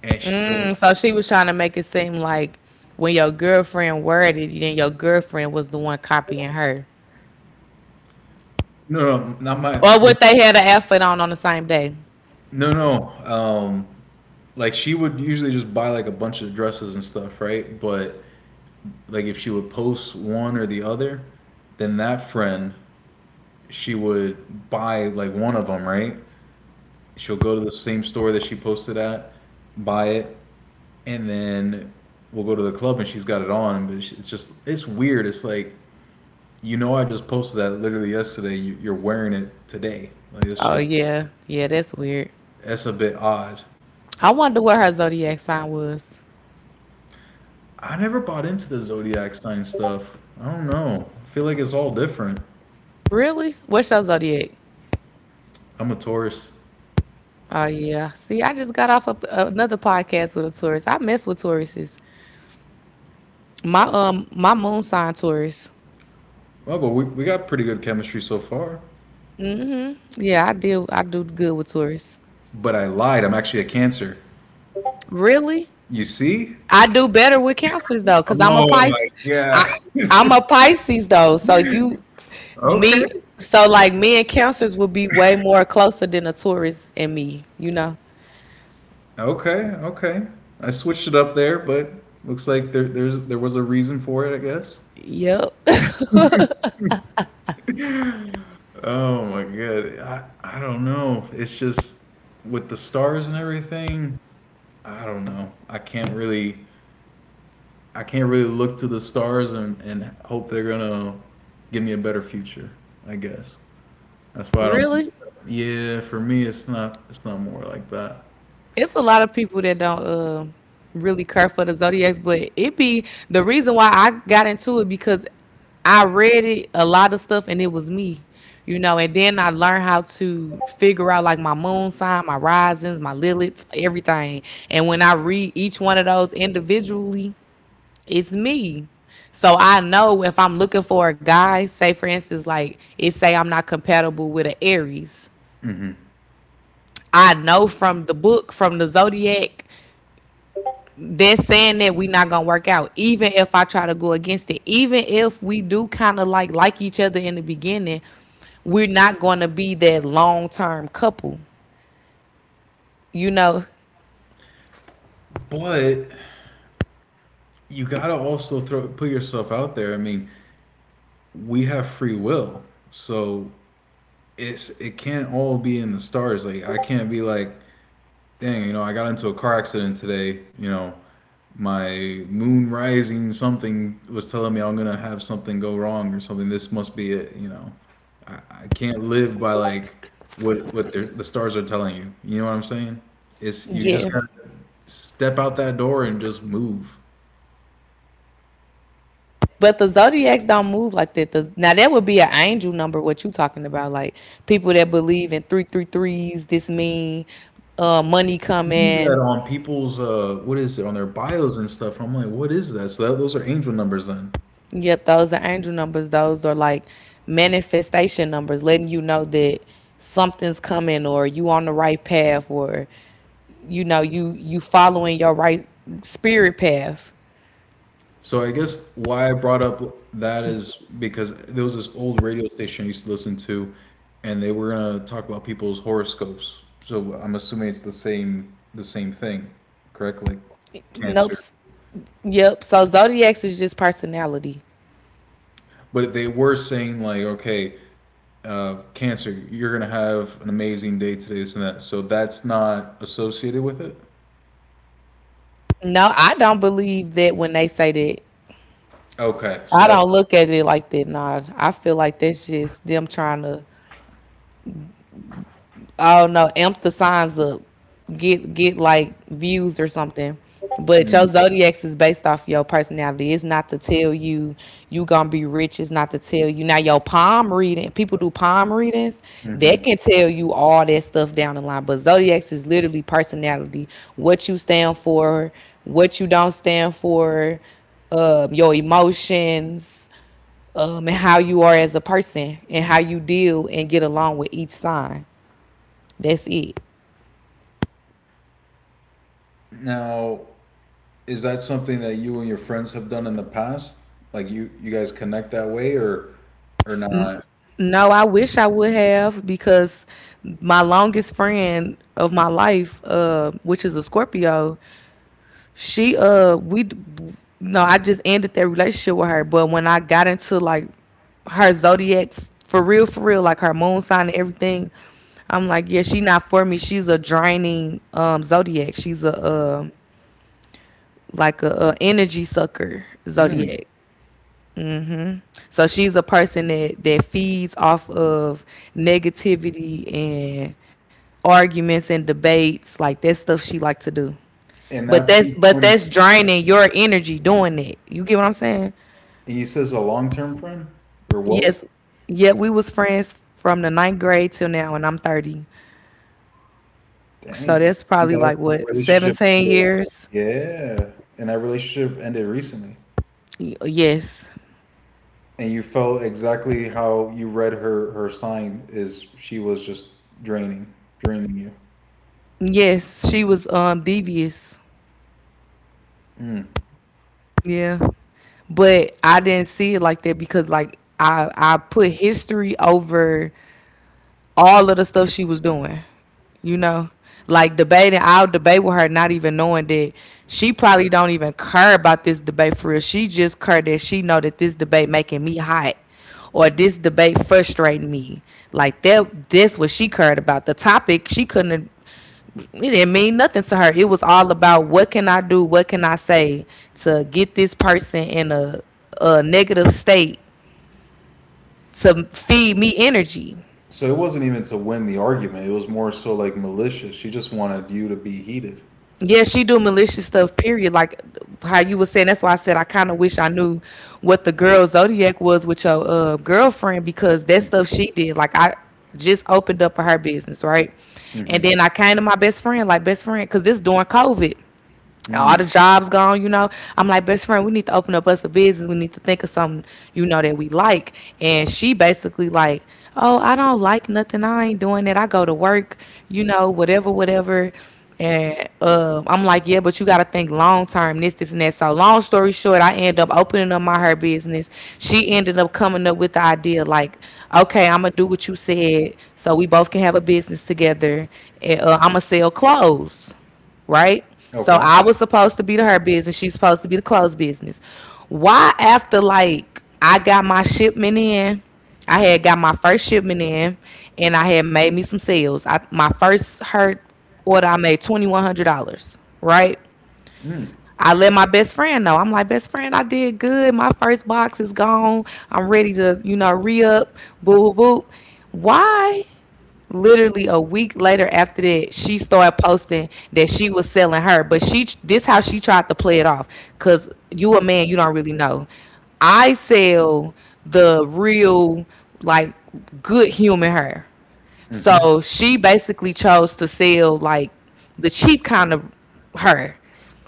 Speaker 2: And she's like,
Speaker 1: Mm, so she was trying to make it seem like when your girlfriend worded, then your girlfriend was the one copying her,
Speaker 2: "No, no, not my.
Speaker 1: or what, they had an outfit on on the same day.
Speaker 2: No, no. Um, like she would usually just buy like a bunch of dresses and stuff, right? But like if she would post one or the other, then that friend she would buy like one of them, right? She'll go to the same store that she posted at, buy it, and then we'll go to the club and she's got it on. But it's just, it's weird. It's like, you know, I just posted that literally yesterday. You- are wearing it today. Like, it's
Speaker 1: Oh
Speaker 2: just,
Speaker 1: yeah, yeah, that's weird.
Speaker 2: that's a bit odd.
Speaker 1: I wonder what her zodiac sign was.
Speaker 2: I never bought into the zodiac sign stuff. I don't know. I feel like it's all different.
Speaker 1: Really? What's your zodiac?
Speaker 2: I'm a Taurus.
Speaker 1: Oh yeah. See, I just got off a, another podcast with a Taurus. I mess with Tauruses. My um my moon sign Taurus.
Speaker 2: Well, but we, we got pretty good chemistry so far.
Speaker 1: Yeah, I deal I do good with Taurus.
Speaker 2: But I lied. I'm actually a Cancer.
Speaker 1: Really?
Speaker 2: You see?
Speaker 1: I do better with Cancers though,
Speaker 2: Oh
Speaker 1: cause I'm a
Speaker 2: my
Speaker 1: Pisces. I
Speaker 2: God.
Speaker 1: I'm
Speaker 2: [LAUGHS]
Speaker 1: a Pisces though, so you
Speaker 2: Okay.
Speaker 1: me, so like me and Cancers would be way more closer than a Taurus and me. You know?
Speaker 2: Okay. Okay. I switched it up there, but looks like there there's there was a reason for it, I guess.
Speaker 1: Yep.
Speaker 2: [SIGHS] Oh my God. I I don't know. It's just with the stars and everything, I don't know. I can't really I can't really look to the stars and, and hope they're gonna give me a better future, I guess. That's why I
Speaker 1: [LAUGHS] Really?
Speaker 2: don't. Yeah, for me it's not it's not more like that.
Speaker 1: It's a lot of people that don't uh, really care for the zodiacs, but it be the reason why I got into it because I read it a lot of stuff and it was me, you know. And then I learned how to figure out like my moon sign, my risings, my liliths, everything. And when I read each one of those individually, it's me. So I know if I'm looking for a guy, say for instance, like it say I'm not compatible with an Aries.
Speaker 2: Mm-hmm.
Speaker 1: I know from the book, from the zodiac, they're saying that we not gonna work out, even if I try to go against it, even if we do kind of like like each other in the beginning, we're not gonna be that long-term couple, you know.
Speaker 2: But you gotta also throw put yourself out there. I mean, we have free will, so it's it can't all be in the stars. Like I can't be like, dang, you know, I got into a car accident today. You know, my moon rising something was telling me I'm gonna have something go wrong or something. This must be it. You know, I, I can't live by like what what the the stars are telling you. You know what I'm saying? It's you just
Speaker 1: Yeah,
Speaker 2: gotta step out that door and just move.
Speaker 1: but the zodiacs don't move like that. The now that would be an angel number what you talking about, like people that believe in three three threes. This mean uh
Speaker 2: I
Speaker 1: money
Speaker 2: see
Speaker 1: coming.
Speaker 2: that on people's uh what is it on their bios and stuff. I'm like, what is that? So that, those are angel numbers then.
Speaker 1: Yep, those are angel numbers. Those are like manifestation numbers, letting you know that something's coming or you on the right path or you know you you following your right spirit path.
Speaker 2: So I guess why I brought up that is because there was this old radio station I used to listen to, and they were gonna talk about people's horoscopes. So I'm assuming it's the same the same thing, correct? Like
Speaker 1: Nope.
Speaker 2: Cancer.
Speaker 1: Yep. So zodiacs is just personality.
Speaker 2: But they were saying like, okay, uh, Cancer, you're gonna have an amazing day today, this and that. So that's not associated with it.
Speaker 1: No, I don't believe that when they say that.
Speaker 2: Okay, so
Speaker 1: I
Speaker 2: that's.
Speaker 1: don't look at it like that. Nah, I feel like that's just them trying to, I don't know, amp the signs up, get get like views or something. But your
Speaker 2: Mm.
Speaker 1: zodiacs is based off your personality. It's not to tell you you gonna be rich. It's not to tell you now your palm reading. People do palm readings. They
Speaker 2: Hmm.
Speaker 1: can tell you all that stuff down the line. But zodiacs is literally personality. What you stand for, what you don't stand for, um, your emotions, um, and how you are as a person and how you deal and get along with each sign. That's it.
Speaker 2: Now, is that something that you and your friends have done in the past? Like you you guys connect that way or or not?
Speaker 1: No, I wish I would have because my longest friend of my life, uh, which is a Scorpio, she uh we no, I just ended that relationship with her. But when I got into like her zodiac for real, for real, like her moon sign and everything, I'm like, yeah, she not for me. She's a draining um zodiac. She's a uh like a, a energy sucker
Speaker 2: Mm.
Speaker 1: zodiac. Hmm. So she's a person that that feeds off of negativity and arguments and debates. Like that's stuff she like to do.
Speaker 2: And
Speaker 1: But
Speaker 2: that
Speaker 1: that's but
Speaker 2: pinpointing,
Speaker 1: that's draining your energy doing that. You get what I'm saying?
Speaker 2: he says a long-term friend or was?
Speaker 1: Yes. Yeah, we was friends from the ninth grade till now and I'm thirty. So
Speaker 2: Dang.
Speaker 1: that's
Speaker 2: You
Speaker 1: probably
Speaker 2: guys-
Speaker 1: like what,
Speaker 2: Your relationship
Speaker 1: seventeen
Speaker 2: ended.
Speaker 1: years?
Speaker 2: Yeah. And that relationship ended recently.
Speaker 1: Y- Yes.
Speaker 2: And you felt exactly how you read her her sign is she was just draining, draining you.
Speaker 1: Yes. She was um devious.
Speaker 2: Mm.
Speaker 1: Yeah. But I didn't see it like that because like I I put history over all of the stuff she was doing. You know? Like debating, I'll debate with her not even knowing that she probably don't even care about this debate for real. She just care that she know that this debate making me hot or this debate frustrating me. Like that that's what she cared about. The topic she couldn't it didn't mean nothing to her. It was all about what can I do, what can I say to get this person in a a negative state to feed me energy.
Speaker 2: So it wasn't even to win the argument. It was more so like malicious. She just wanted you to be heated.
Speaker 1: Yeah, she do malicious stuff. Period. Like how you were saying. That's why I said I kind of wish I knew what the girl zodiac was with your uh, girlfriend because that stuff
Speaker 2: Hmm.
Speaker 1: she did. Like I just opened up her business, right? And then I came to my best friend, like best friend, because this during COVID. All the
Speaker 2: Mm.
Speaker 1: jobs gone, you know. I'm like, best friend, we need to open up us a business. We need to think of something, you know, that we like. And she basically like, oh, I don't like nothing. I ain't doing that. I go to work, you know, whatever, whatever. And um, I'm like, yeah, but you got to think long term, this, this, and that. So, long story short, I end up opening up my her business. She ended up coming up with the idea, like, okay, I'm gonna do what you said, so we both can have a business together, and uh, I'm gonna sell clothes, right? So
Speaker 2: Okay.
Speaker 1: I was supposed to be to her business. She's supposed to be the clothes business. Why after like I got my shipment in, I had got my first shipment in, and I had made me some sales. I, my first her order, I made twenty one hundred dollars, right?
Speaker 2: Mm.
Speaker 1: I let my best friend know. I'm like, best friend, I did good. My first box is gone. I'm ready to, you know, re up. Boo, boo, boo. Why literally a week later after that, she started posting that she was selling her, but she, this how she tried to play it off, because you a man, you don't really know. I sell the real, like, good human hair
Speaker 2: Hmm.
Speaker 1: so she basically chose to sell like the cheap kind of her.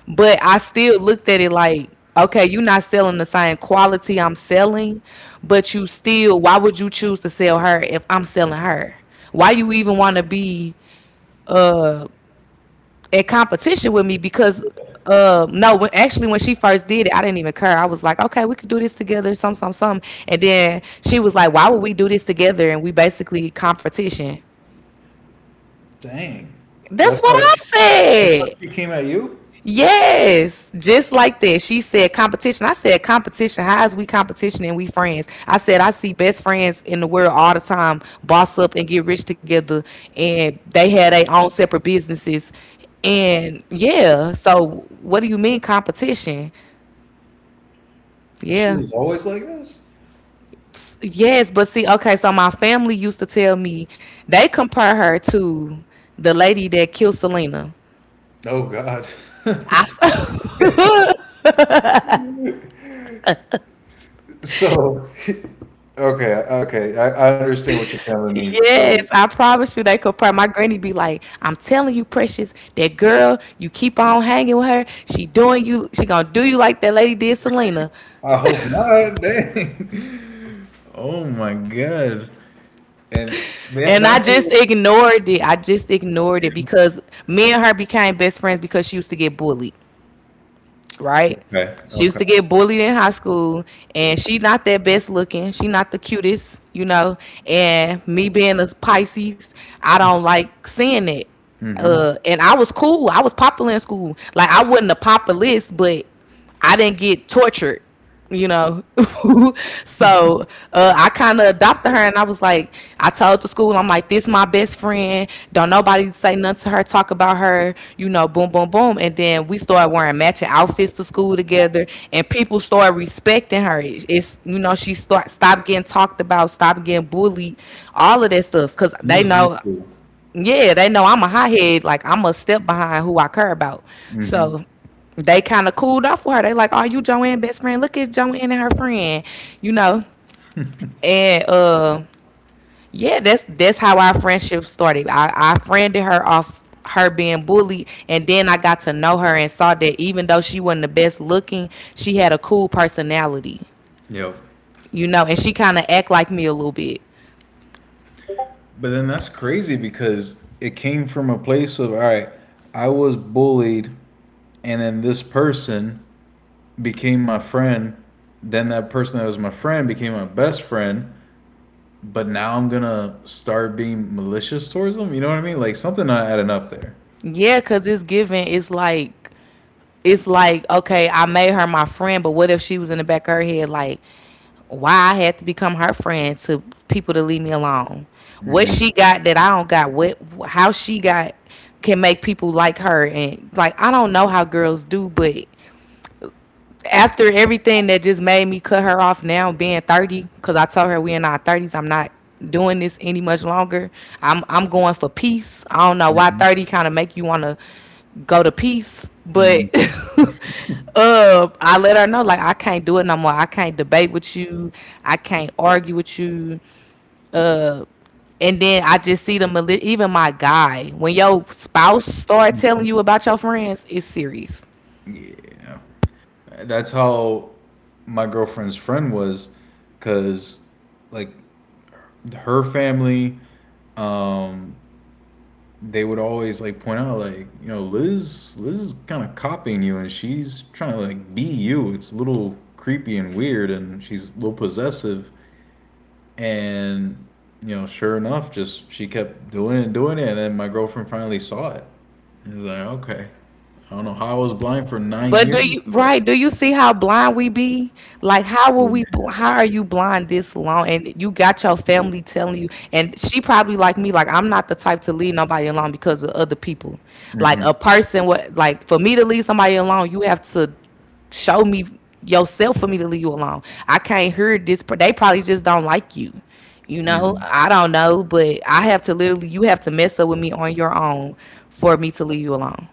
Speaker 1: But I still looked at it like, okay, you're not selling the same quality I'm selling, but you still, why would you choose to sell her if I'm selling her? Why you even want to be in competition with me? Because uh no, when, actually when she first did it, I didn't even care. I was like, okay, we could do this together, some, some, some. And then she was like, why would we do this together and we basically competition?
Speaker 2: Dang.
Speaker 1: That's
Speaker 2: That's
Speaker 1: what
Speaker 2: how
Speaker 1: I
Speaker 2: that's how
Speaker 1: said.
Speaker 2: she came at you?
Speaker 1: Yes, just like that. She said competition. I said competition. How is we competition and we friends? I said I see best friends in the world all the time boss up and get rich together, and they had their own separate businesses. And yeah, so what do you mean competition?
Speaker 2: And she
Speaker 1: Yeah.
Speaker 2: was always like this?
Speaker 1: Yes, but see, okay, so my family used to tell me, they compare her to the lady that killed Selena.
Speaker 2: Oh God. [LAUGHS] So, okay, okay. I, I understand what your family means. So
Speaker 1: Yes, I promise you, they could pray. My granny be like, I'm telling you, precious, that girl, you keep on hanging with her. She doing you, she gonna do you like that lady did Selena.
Speaker 2: I hope not. [LAUGHS] Dang. Oh my God. And that
Speaker 1: And I
Speaker 2: that.
Speaker 1: just ignored it. I just ignored it because me and her became best friends because she used to get bullied, right?
Speaker 2: Okay.
Speaker 1: She used
Speaker 2: Okay.
Speaker 1: to get bullied in high school, and she not that best looking. She not the cutest, you know. And me being a Pisces, I don't like seeing it.
Speaker 2: Hmm. And
Speaker 1: Uh, and I was cool. I was popular in school. Like I wasn't a populist, but I didn't get tortured you know. [LAUGHS] So uh, I kind of adopted her, and I was like, I told the school, I'm like, this my best friend. Don't nobody say nothing to her, talk about her, you know, boom, boom, boom. And then we started wearing matching outfits to school together, and people started respecting her. It- It's You know, she start stopped getting talked about, stopped getting bullied, all of that stuff, because they
Speaker 2: this is high
Speaker 1: know.
Speaker 2: school.
Speaker 1: Yeah, they know I'm a hothead. Like I'm a step behind who I care about.
Speaker 2: Hmm.
Speaker 1: So they kind of cooled off with her. They like, "Oh, you Joanne best friend? Look at Joanne and her friend," you know. And uh, yeah, that's that's how our friendship started. I I friended her off her being bullied, and then I got to know her and saw that even though she wasn't the best looking, she had a cool personality,
Speaker 2: Yep.
Speaker 1: you know, and she kind of act like me a little bit.
Speaker 2: But then that's crazy because it came from a place of all right, I was bullied, and then this person became my friend. Then that person that was my friend became my best friend. But now I'm gonna start being malicious towards them. You know what I mean? Like something not adding up there.
Speaker 1: Yeah, cause it's given. It's like it's like okay, I made her my friend, but what if she was in the back of her head like, why I had to become her friend to people to leave me alone? What
Speaker 2: Hmm.
Speaker 1: she got that I don't got? What, how she got can make people like her? And like, I don't know how girls do, but after everything, that just made me cut her off, now being thirty, because I told her we in our thirties. I'm not doing this any much longer. I'm i'm going for peace. I don't know why
Speaker 2: Hmm.
Speaker 1: thirty kind of make you want to go to peace, but [LAUGHS] uh I let her know, like, I can't do it no more. I can't debate with you, I can't argue with you. And then I just see the mali- even my guy, when your spouse start telling you about your friends, it's serious.
Speaker 2: Yeah. That's how my girlfriend's friend was cuz like her family um they would always like point out like, you know, Liz Liz is kind of copying you and she's trying to like be you. It's a little creepy and weird and she's a little possessive and you know, sure enough, just she kept doing it and doing it and then my girlfriend finally saw it. And it was like, okay. I don't know how I was blind for nine
Speaker 1: But
Speaker 2: years,
Speaker 1: do you,
Speaker 2: but
Speaker 1: right? Do you see how blind we be? Like, how were
Speaker 2: yeah.
Speaker 1: we? bl- How are you blind this long? And you got your family telling you, and she probably like me. Like, I'm not the type to leave nobody alone because of other people. Like
Speaker 2: Hmm.
Speaker 1: a person, what, like, for me to leave somebody alone, you have to show me yourself for me to leave you alone. I can't hear this. per- They probably just don't like you. You know,
Speaker 2: Hmm.
Speaker 1: I don't know, but I have to literally. You have to mess up with me on your own for me to leave you alone.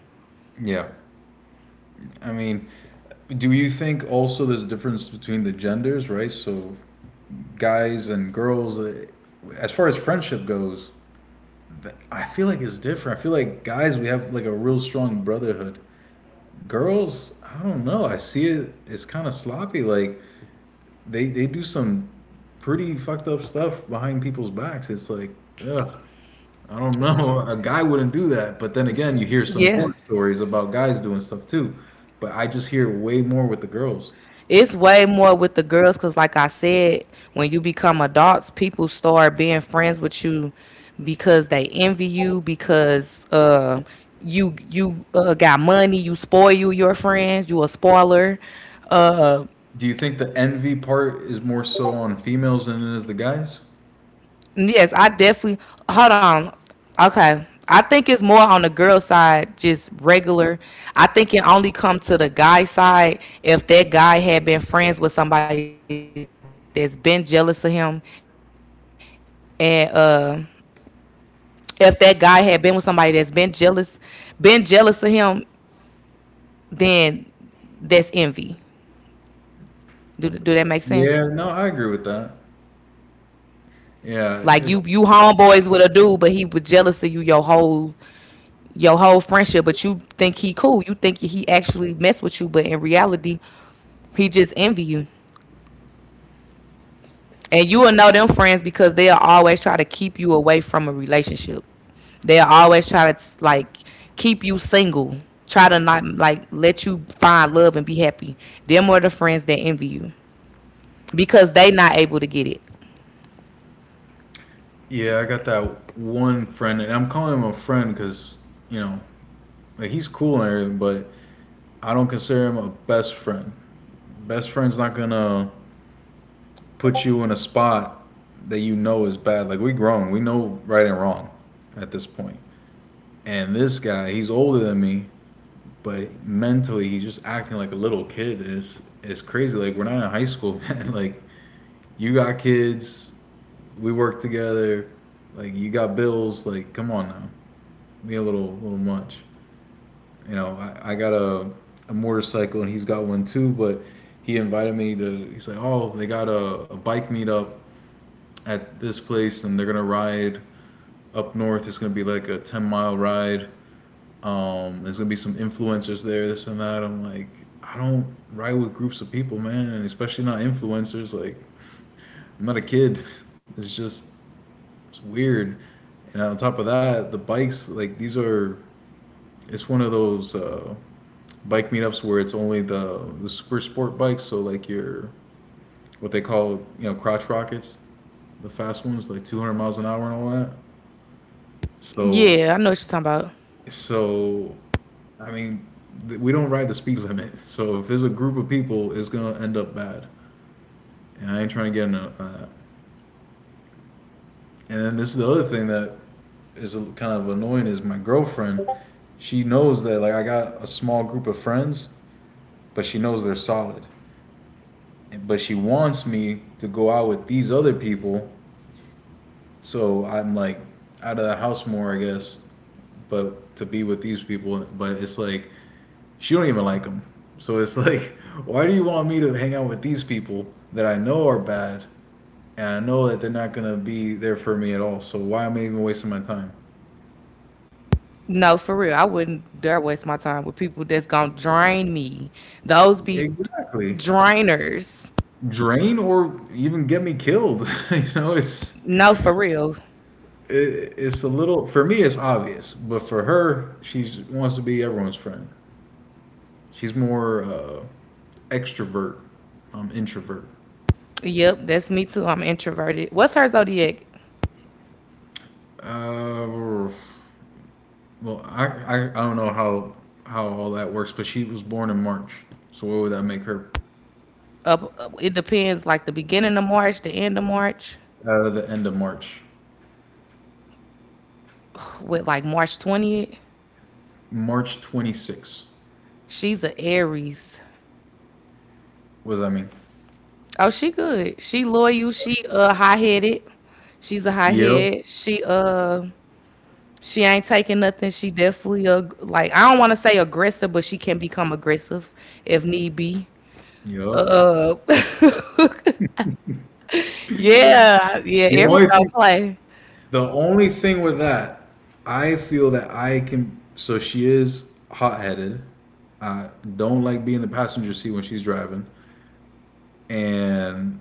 Speaker 2: Yeah. I mean, do you think also there's a difference between the genders, right? So, guys and girls, uh, as far as friendship goes, th- I feel like it's different. I feel like guys, we have like a real strong brotherhood. Girls, I don't know. I see it, it's kind of sloppy. Like, they, they do some pretty fucked up stuff behind people's backs. It's like, ugh. I don't [LAUGHS] know. A guy wouldn't do that, but then again, you hear some
Speaker 1: Yeah.
Speaker 2: horror stories about guys doing stuff too. But I just hear way more with the girls.
Speaker 1: It's way more with the girls because, like I said, when you become adults, people start being friends with you because they envy you because uh, you you uh, got money, you spoil you your friends, you a spoiler. Uh,
Speaker 2: Do you think the envy part is more so on females than it is the guys?
Speaker 1: yes, I definitely. Hold on. Okay, I think it's more on the girl side, just regular. I think it only come to the guy side if that guy had been friends with somebody that's been jealous of him, and uh if that guy had been with somebody that's been jealous, been jealous of him, then that's envy. Do do that make sense?
Speaker 2: Yeah, no, I agree with that. Yeah,
Speaker 1: Like you
Speaker 2: cause
Speaker 1: you homeboys with a dude, but he was jealous of you your whole your whole friendship, but you think he cool. You think he actually mess with you, but in reality, he just envy you. And you will know them friends because they'll always try to keep you away from a relationship. They'll always try to like keep you single. Try to not like let you find love and be happy. Them are the friends that envy you because they not able to get it.
Speaker 2: yeah, I got that one friend, and I'm calling him a friend because you know, like he's cool and everything, but I don't consider him a best friend. Best friend's not gonna put you in a spot that you know is bad. Like we grown, we know right and wrong at this point. And this guy, he's older than me, but mentally he's just acting like a little kid. it's it's crazy. Like we're not in high school, [LAUGHS] man. Like you got kids, we work together, like you got bills. Like come on now, be a little little much. You know, I, I got a a motorcycle and he's got one too, but he invited me to. He's like, oh, they got a, a bike meetup at this place and they're gonna ride up north. It's gonna be like a ten mile ride. Um, there's gonna be some influencers there, this and that. I'm like, I don't ride with groups of people, man, and especially not influencers. Like, I'm not a kid. [LAUGHS] It's just it's weird. And on top of that, the bikes like these are. It's one of those uh, bike meetups where it's only the the super sport bikes. So like your what they call you know crotch rockets, the fast ones like two hundred miles an hour and all that.
Speaker 1: Yeah, I know what you're
Speaker 2: So,
Speaker 1: talking about.
Speaker 2: so, I mean, th- we don't ride the speed [LAUGHS] limit. So if it's a group of people, it's gonna end up bad, and I ain't trying to get into that. And then this is the other thing that is a- kind of annoying is my girlfriend. She knows that like I got a small group of friends, but she knows they're solid. But she wants me to go out with these other people, so I'm like out of the house more, I guess. But to be with these people, but it's like she don't even like them. So it's [LAUGHS] like, why do you want me to hang out with these people that I know are bad, and I know that they're not gonna be there for me at all? So why am I even wasting my time?
Speaker 1: No, for real, I wouldn't dare waste my time with people that's gonna drain me. Those be
Speaker 2: Exactly.
Speaker 1: drainers.
Speaker 2: Drain or even get me killed. [LAUGHS] you know, it's
Speaker 1: No, for real.
Speaker 2: it, it's a little for me. It's obvious, but for her, she wants to be everyone's friend. She's more uh, extrovert. I'm introvert.
Speaker 1: Yep, that's me too. I'm introverted. What's her zodiac?
Speaker 2: Uh, Well, I, I I don't know how how all that works, but she was born in March, so what would that make her?
Speaker 1: Up, it depends. Like the beginning of March, the end of March,
Speaker 2: Uh, the end of March,
Speaker 1: with like March twentieth.
Speaker 2: March twenty-sixth.
Speaker 1: She's a Aries.
Speaker 2: What does that mean?
Speaker 1: Oh, she good. She loyal. She uh high headed. She's a high
Speaker 2: Yep.
Speaker 1: head. She uh she ain't taking nothing. She definitely uh like I don't want to say aggressive, but she can become aggressive if need be.
Speaker 2: Yep.
Speaker 1: Uh, [LAUGHS] yeah, yeah.
Speaker 2: The
Speaker 1: Aries
Speaker 2: only
Speaker 1: don't
Speaker 2: thing,
Speaker 1: play.
Speaker 2: the only thing with that, I feel that I can. So she is hot headed. I don't like being the passenger seat when she's driving, and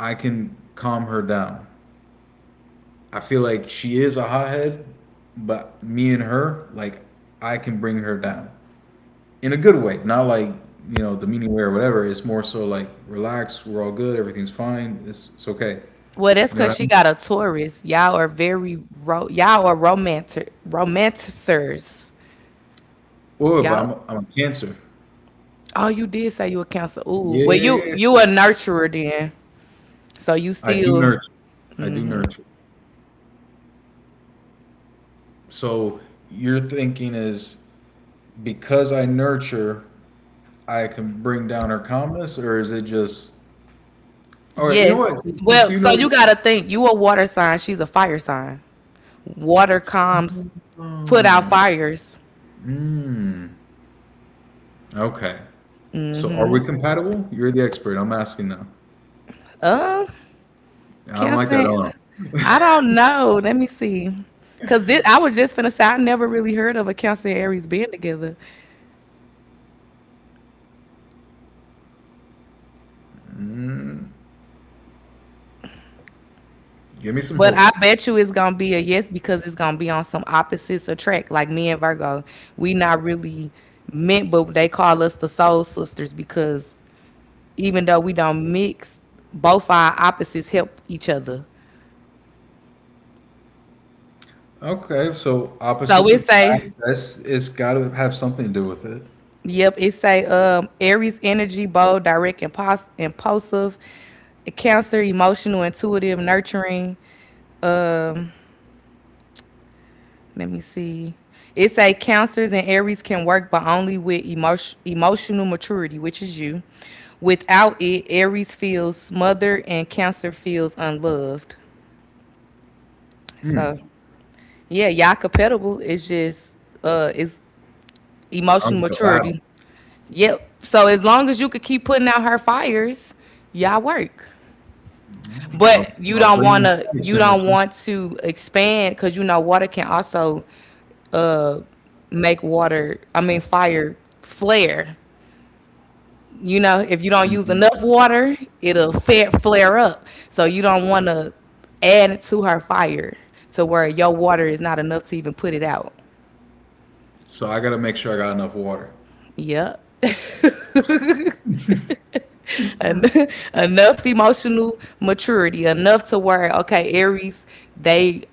Speaker 2: I can calm her down. I feel like she is a hothead, but me and her, like, I can bring her down in a good way. Not like you know the meaning way or whatever. It's more so like relax. We're all good. Everything's fine. It's it's okay.
Speaker 1: Well, that's
Speaker 2: You know
Speaker 1: because
Speaker 2: what I
Speaker 1: she
Speaker 2: mean?
Speaker 1: got a Taurus. Y'all are very ro- y'all are romantic romanticers.
Speaker 2: Oh, but
Speaker 1: Y'all
Speaker 2: I'm I'm a cancer.
Speaker 1: Oh, you did say you a counselor. Ooh, well, you
Speaker 2: Yeah,
Speaker 1: you a nurturer then. So you
Speaker 2: I do
Speaker 1: still
Speaker 2: nurture. I do nurture. So your thinking is because I nurture, I can bring down her calmness, or is it just all right? You know
Speaker 1: Yes.
Speaker 2: what? Since, since
Speaker 1: Well,
Speaker 2: you
Speaker 1: so
Speaker 2: know,
Speaker 1: you gotta think. You a water sign. She's a fire sign. Water calms, put out
Speaker 2: Hmm.
Speaker 1: fires.
Speaker 2: Mm, okay. So are we compatible? You're the expert. I'm asking now. I don't like that. I
Speaker 1: Cancer.
Speaker 2: don't
Speaker 1: I don't
Speaker 2: know. [LAUGHS]
Speaker 1: know. Let me see. Cause this, I was just finna say I never really heard of a Cancer and Aries being together,
Speaker 2: Mm, give me some
Speaker 1: but I
Speaker 2: hope.
Speaker 1: bet you it's gonna be a yes because it's gonna be on some opposites attract. Like me and Virgo, we not really meant, but they call us the soul sisters because even though we don't mix, both our opposites help each other.
Speaker 2: Okay, so
Speaker 1: So
Speaker 2: opposites
Speaker 1: it say,
Speaker 2: attract. That's it's got to have something to do with it.
Speaker 1: yep, it say um Aries energy, bold, direct, impos- impulsive, Cancer, emotional, intuitive, nurturing. Let me see. It say cancers and Aries can work, but only with emotion, emotional maturity, which is you. Without it, Aries feels smothered and Cancer feels unloved. So yeah, y'all compatible. It's just uh, it's
Speaker 2: Sounds
Speaker 1: emotional
Speaker 2: like a battle.
Speaker 1: maturity. Yep. So as long as you could keep putting out her fires, y'all work.
Speaker 2: I'll,
Speaker 1: But you
Speaker 2: I'll
Speaker 1: don't
Speaker 2: bring
Speaker 1: want
Speaker 2: my
Speaker 1: to
Speaker 2: fire
Speaker 1: you don't
Speaker 2: extinguisher.
Speaker 1: want to expand because you know water can also uh make water I mean fire flare. You know if you don't use
Speaker 2: Mhm.
Speaker 1: enough water, it'll fa- flare up. So you don't want to add to her fire to where your water is not enough to even put it out.
Speaker 2: So I got to make sure I got enough water.
Speaker 1: Yep. En- [LAUGHS] enough emotional maturity, enough to where okay, Aries, they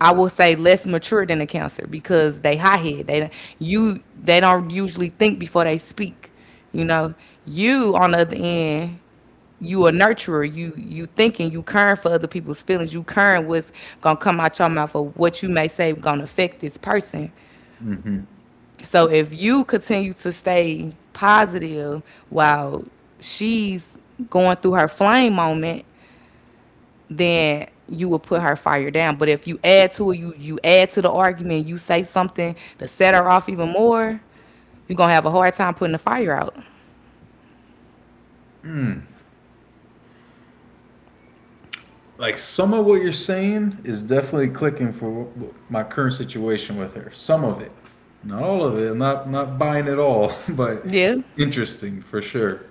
Speaker 1: I will say less mature than a Cancer because they high head. They you they don't usually think before they speak. You know, you on the other end, you a nurturer. You you thinking, you caring for other people's feelings. You caring what's gonna come out your mouth or what you may say gonna affect this person.
Speaker 2: Mm-hmm.
Speaker 1: So if you continue to stay positive while she's going through her flame moment, then you will put her fire down. But if you add to it, you you add to the argument, you say something to set her off even more, you're gonna have a hard time putting the fire out.
Speaker 2: Hmm. Like some of what you're saying is definitely clicking for my current situation with her. Some of it, not all of it. I'm not not buying it all, [LAUGHS] but
Speaker 1: Yeah.
Speaker 2: interesting for sure.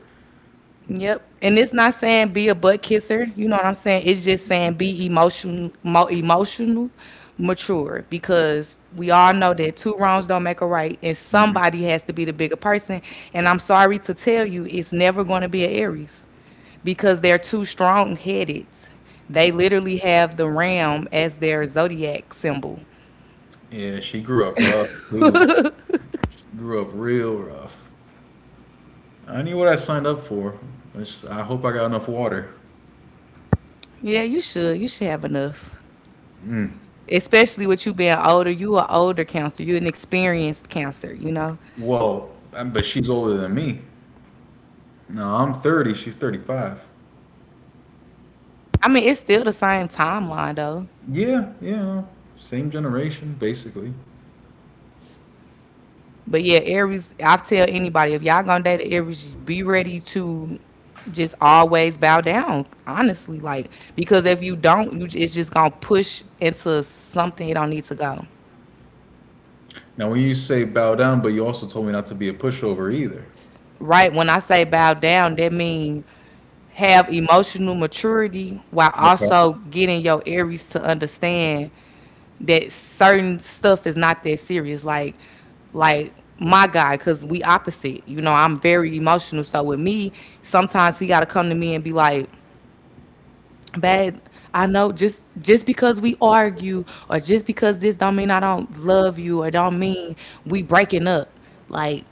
Speaker 1: Yep. And it's not saying be a butt kisser. You know what I'm saying? It's just saying be emotional, mo- emotional, mature. Because we all know that two wrongs don't make a right, and
Speaker 2: Mm-hmm.
Speaker 1: somebody has to be the bigger person. And I'm sorry to tell you, it's never going to be an Aries, because they're too strong-headed. They literally have the ram as their zodiac symbol.
Speaker 2: Yeah, she grew up rough too. Grew up real rough. I knew what I signed up for. I, just- I hope I got enough water.
Speaker 1: Yeah, you should. You should have enough.
Speaker 2: Mm.
Speaker 1: Especially with you being older, you are older cancer. You're an experienced cancer, you know?
Speaker 2: Well, um, but she's older than me. No, I'm thirty. She's thirty-five.
Speaker 1: I mean, it's still the same timeline though.
Speaker 2: Yeah, yeah. Same generation, basically.
Speaker 1: But yeah, Aries, I tell anybody if y'all gonna date an Aries, just be ready to just always bow down. Honestly, like because if you don't, you it's just gonna push into something it don't need to go.
Speaker 2: Now, when you say bow down, but you also told me not to be a pushover either.
Speaker 1: Right? When I say bow down, that means have emotional maturity while
Speaker 2: Okay.
Speaker 1: also getting your Aries to understand that certain stuff is not that serious. Like, like my guy, cause we opposite. You know, I'm very emotional. So with me, sometimes he gotta come to me and be like, "Babe, I know just just because we argue or just because this don't mean I don't love you or don't mean we breaking up." Like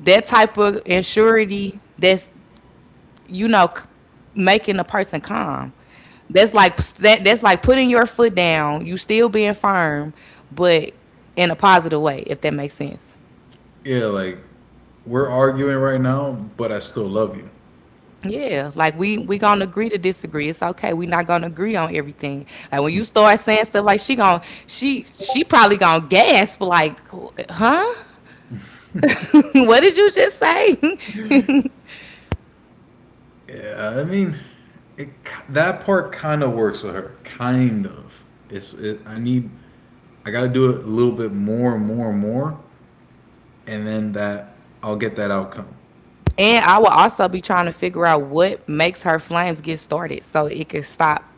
Speaker 1: that type of insurity. That's you know, c- making a person calm. That's like that. That's like putting your foot down. You still being firm, but in a positive way, if that makes sense.
Speaker 2: Yeah, like we're arguing right now, but I still love you.
Speaker 1: Yeah, like we we gonna agree to disagree. It's okay. We not gonna agree on everything. Like when you start saying stuff like she gonna she she probably gonna gasp like, huh? [LAUGHS] What did you just say? [LAUGHS]
Speaker 2: Yeah, I mean, it that part kind of works with her, kind of. It's it, I need, I got to do it a little bit more and more and more, and then that I'll get that outcome.
Speaker 1: And I will also be trying to figure out what makes her flames get started so it can stop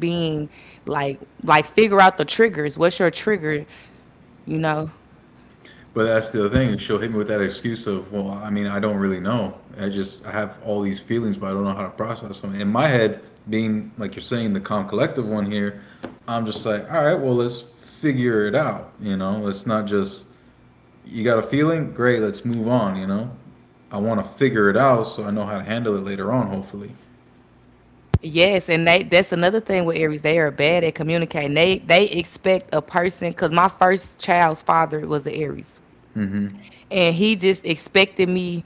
Speaker 1: being like like figure out the triggers. What's your trigger? You know?
Speaker 2: But that's the other thing. She'll hit me with that excuse of, well, I mean, I don't really know. I just, I have all these feelings, but I don't know how to process them. In my head, being like you're saying, the calm collective one here, I'm just like, all right, well, let's figure it out. You know, let's not just, you got a feeling? Great, let's move on. You know, I want to figure it out so I know how to handle it later on, hopefully.
Speaker 1: Yes, and they that's another thing with Aries. They are bad at communicating. They they expect a person because my first child's father was an Aries.
Speaker 2: Hmm.
Speaker 1: And he just expected me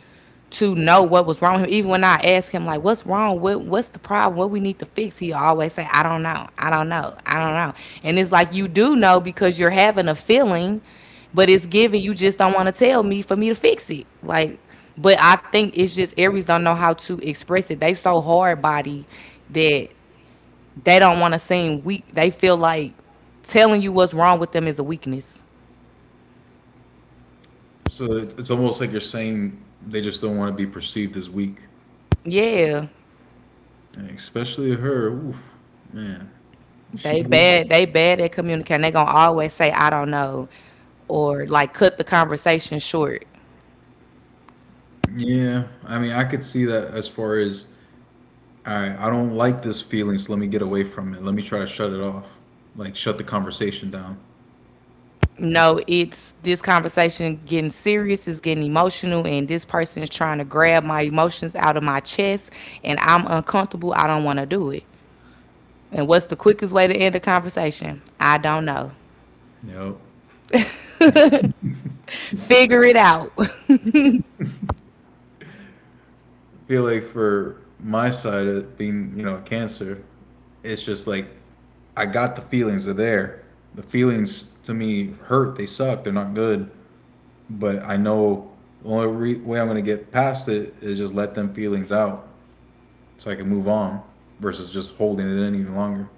Speaker 1: to know what was wrong with him. Even when I asked him like, "What's wrong? What what's the problem? What we need to fix?" He always say, "I don't know. I don't know. I don't know." And it's like you do know because you're having a feeling, but it's given. You just don't want to tell me for me to fix it. Like, but I think it's just Aries don't know how to express it. They so hard body that they don't want to seem weak. They feel like telling you what's wrong with them is a weakness.
Speaker 2: So it- it's almost like you're saying they just don't want to be perceived as weak,
Speaker 1: Yeah.
Speaker 2: and especially her. Oof, man, she.
Speaker 1: They bad. They bad at communicating. They gonna always say I don't know, or like cut the conversation short.
Speaker 2: Yeah, I mean, I could see that as far as I I don't like this feeling, so let me get away from it. Let me try to shut it off, like shut the conversation down.
Speaker 1: No, it's this conversation getting serious, it's getting emotional, and this person is trying to grab my emotions out of my chest, and I'm uncomfortable. I don't want to do it. And what's the quickest way to end a conversation? I don't know.
Speaker 2: You know,
Speaker 1: Figure it out.
Speaker 2: I feel like for my side of being, you know, a cancer, it's just like I got the feelings are there. The feelings to me hurt. They suck. They're not good. But I know the only re- way I'm gonna get past it is just let them feelings out, so I can move on, versus just holding it in even longer.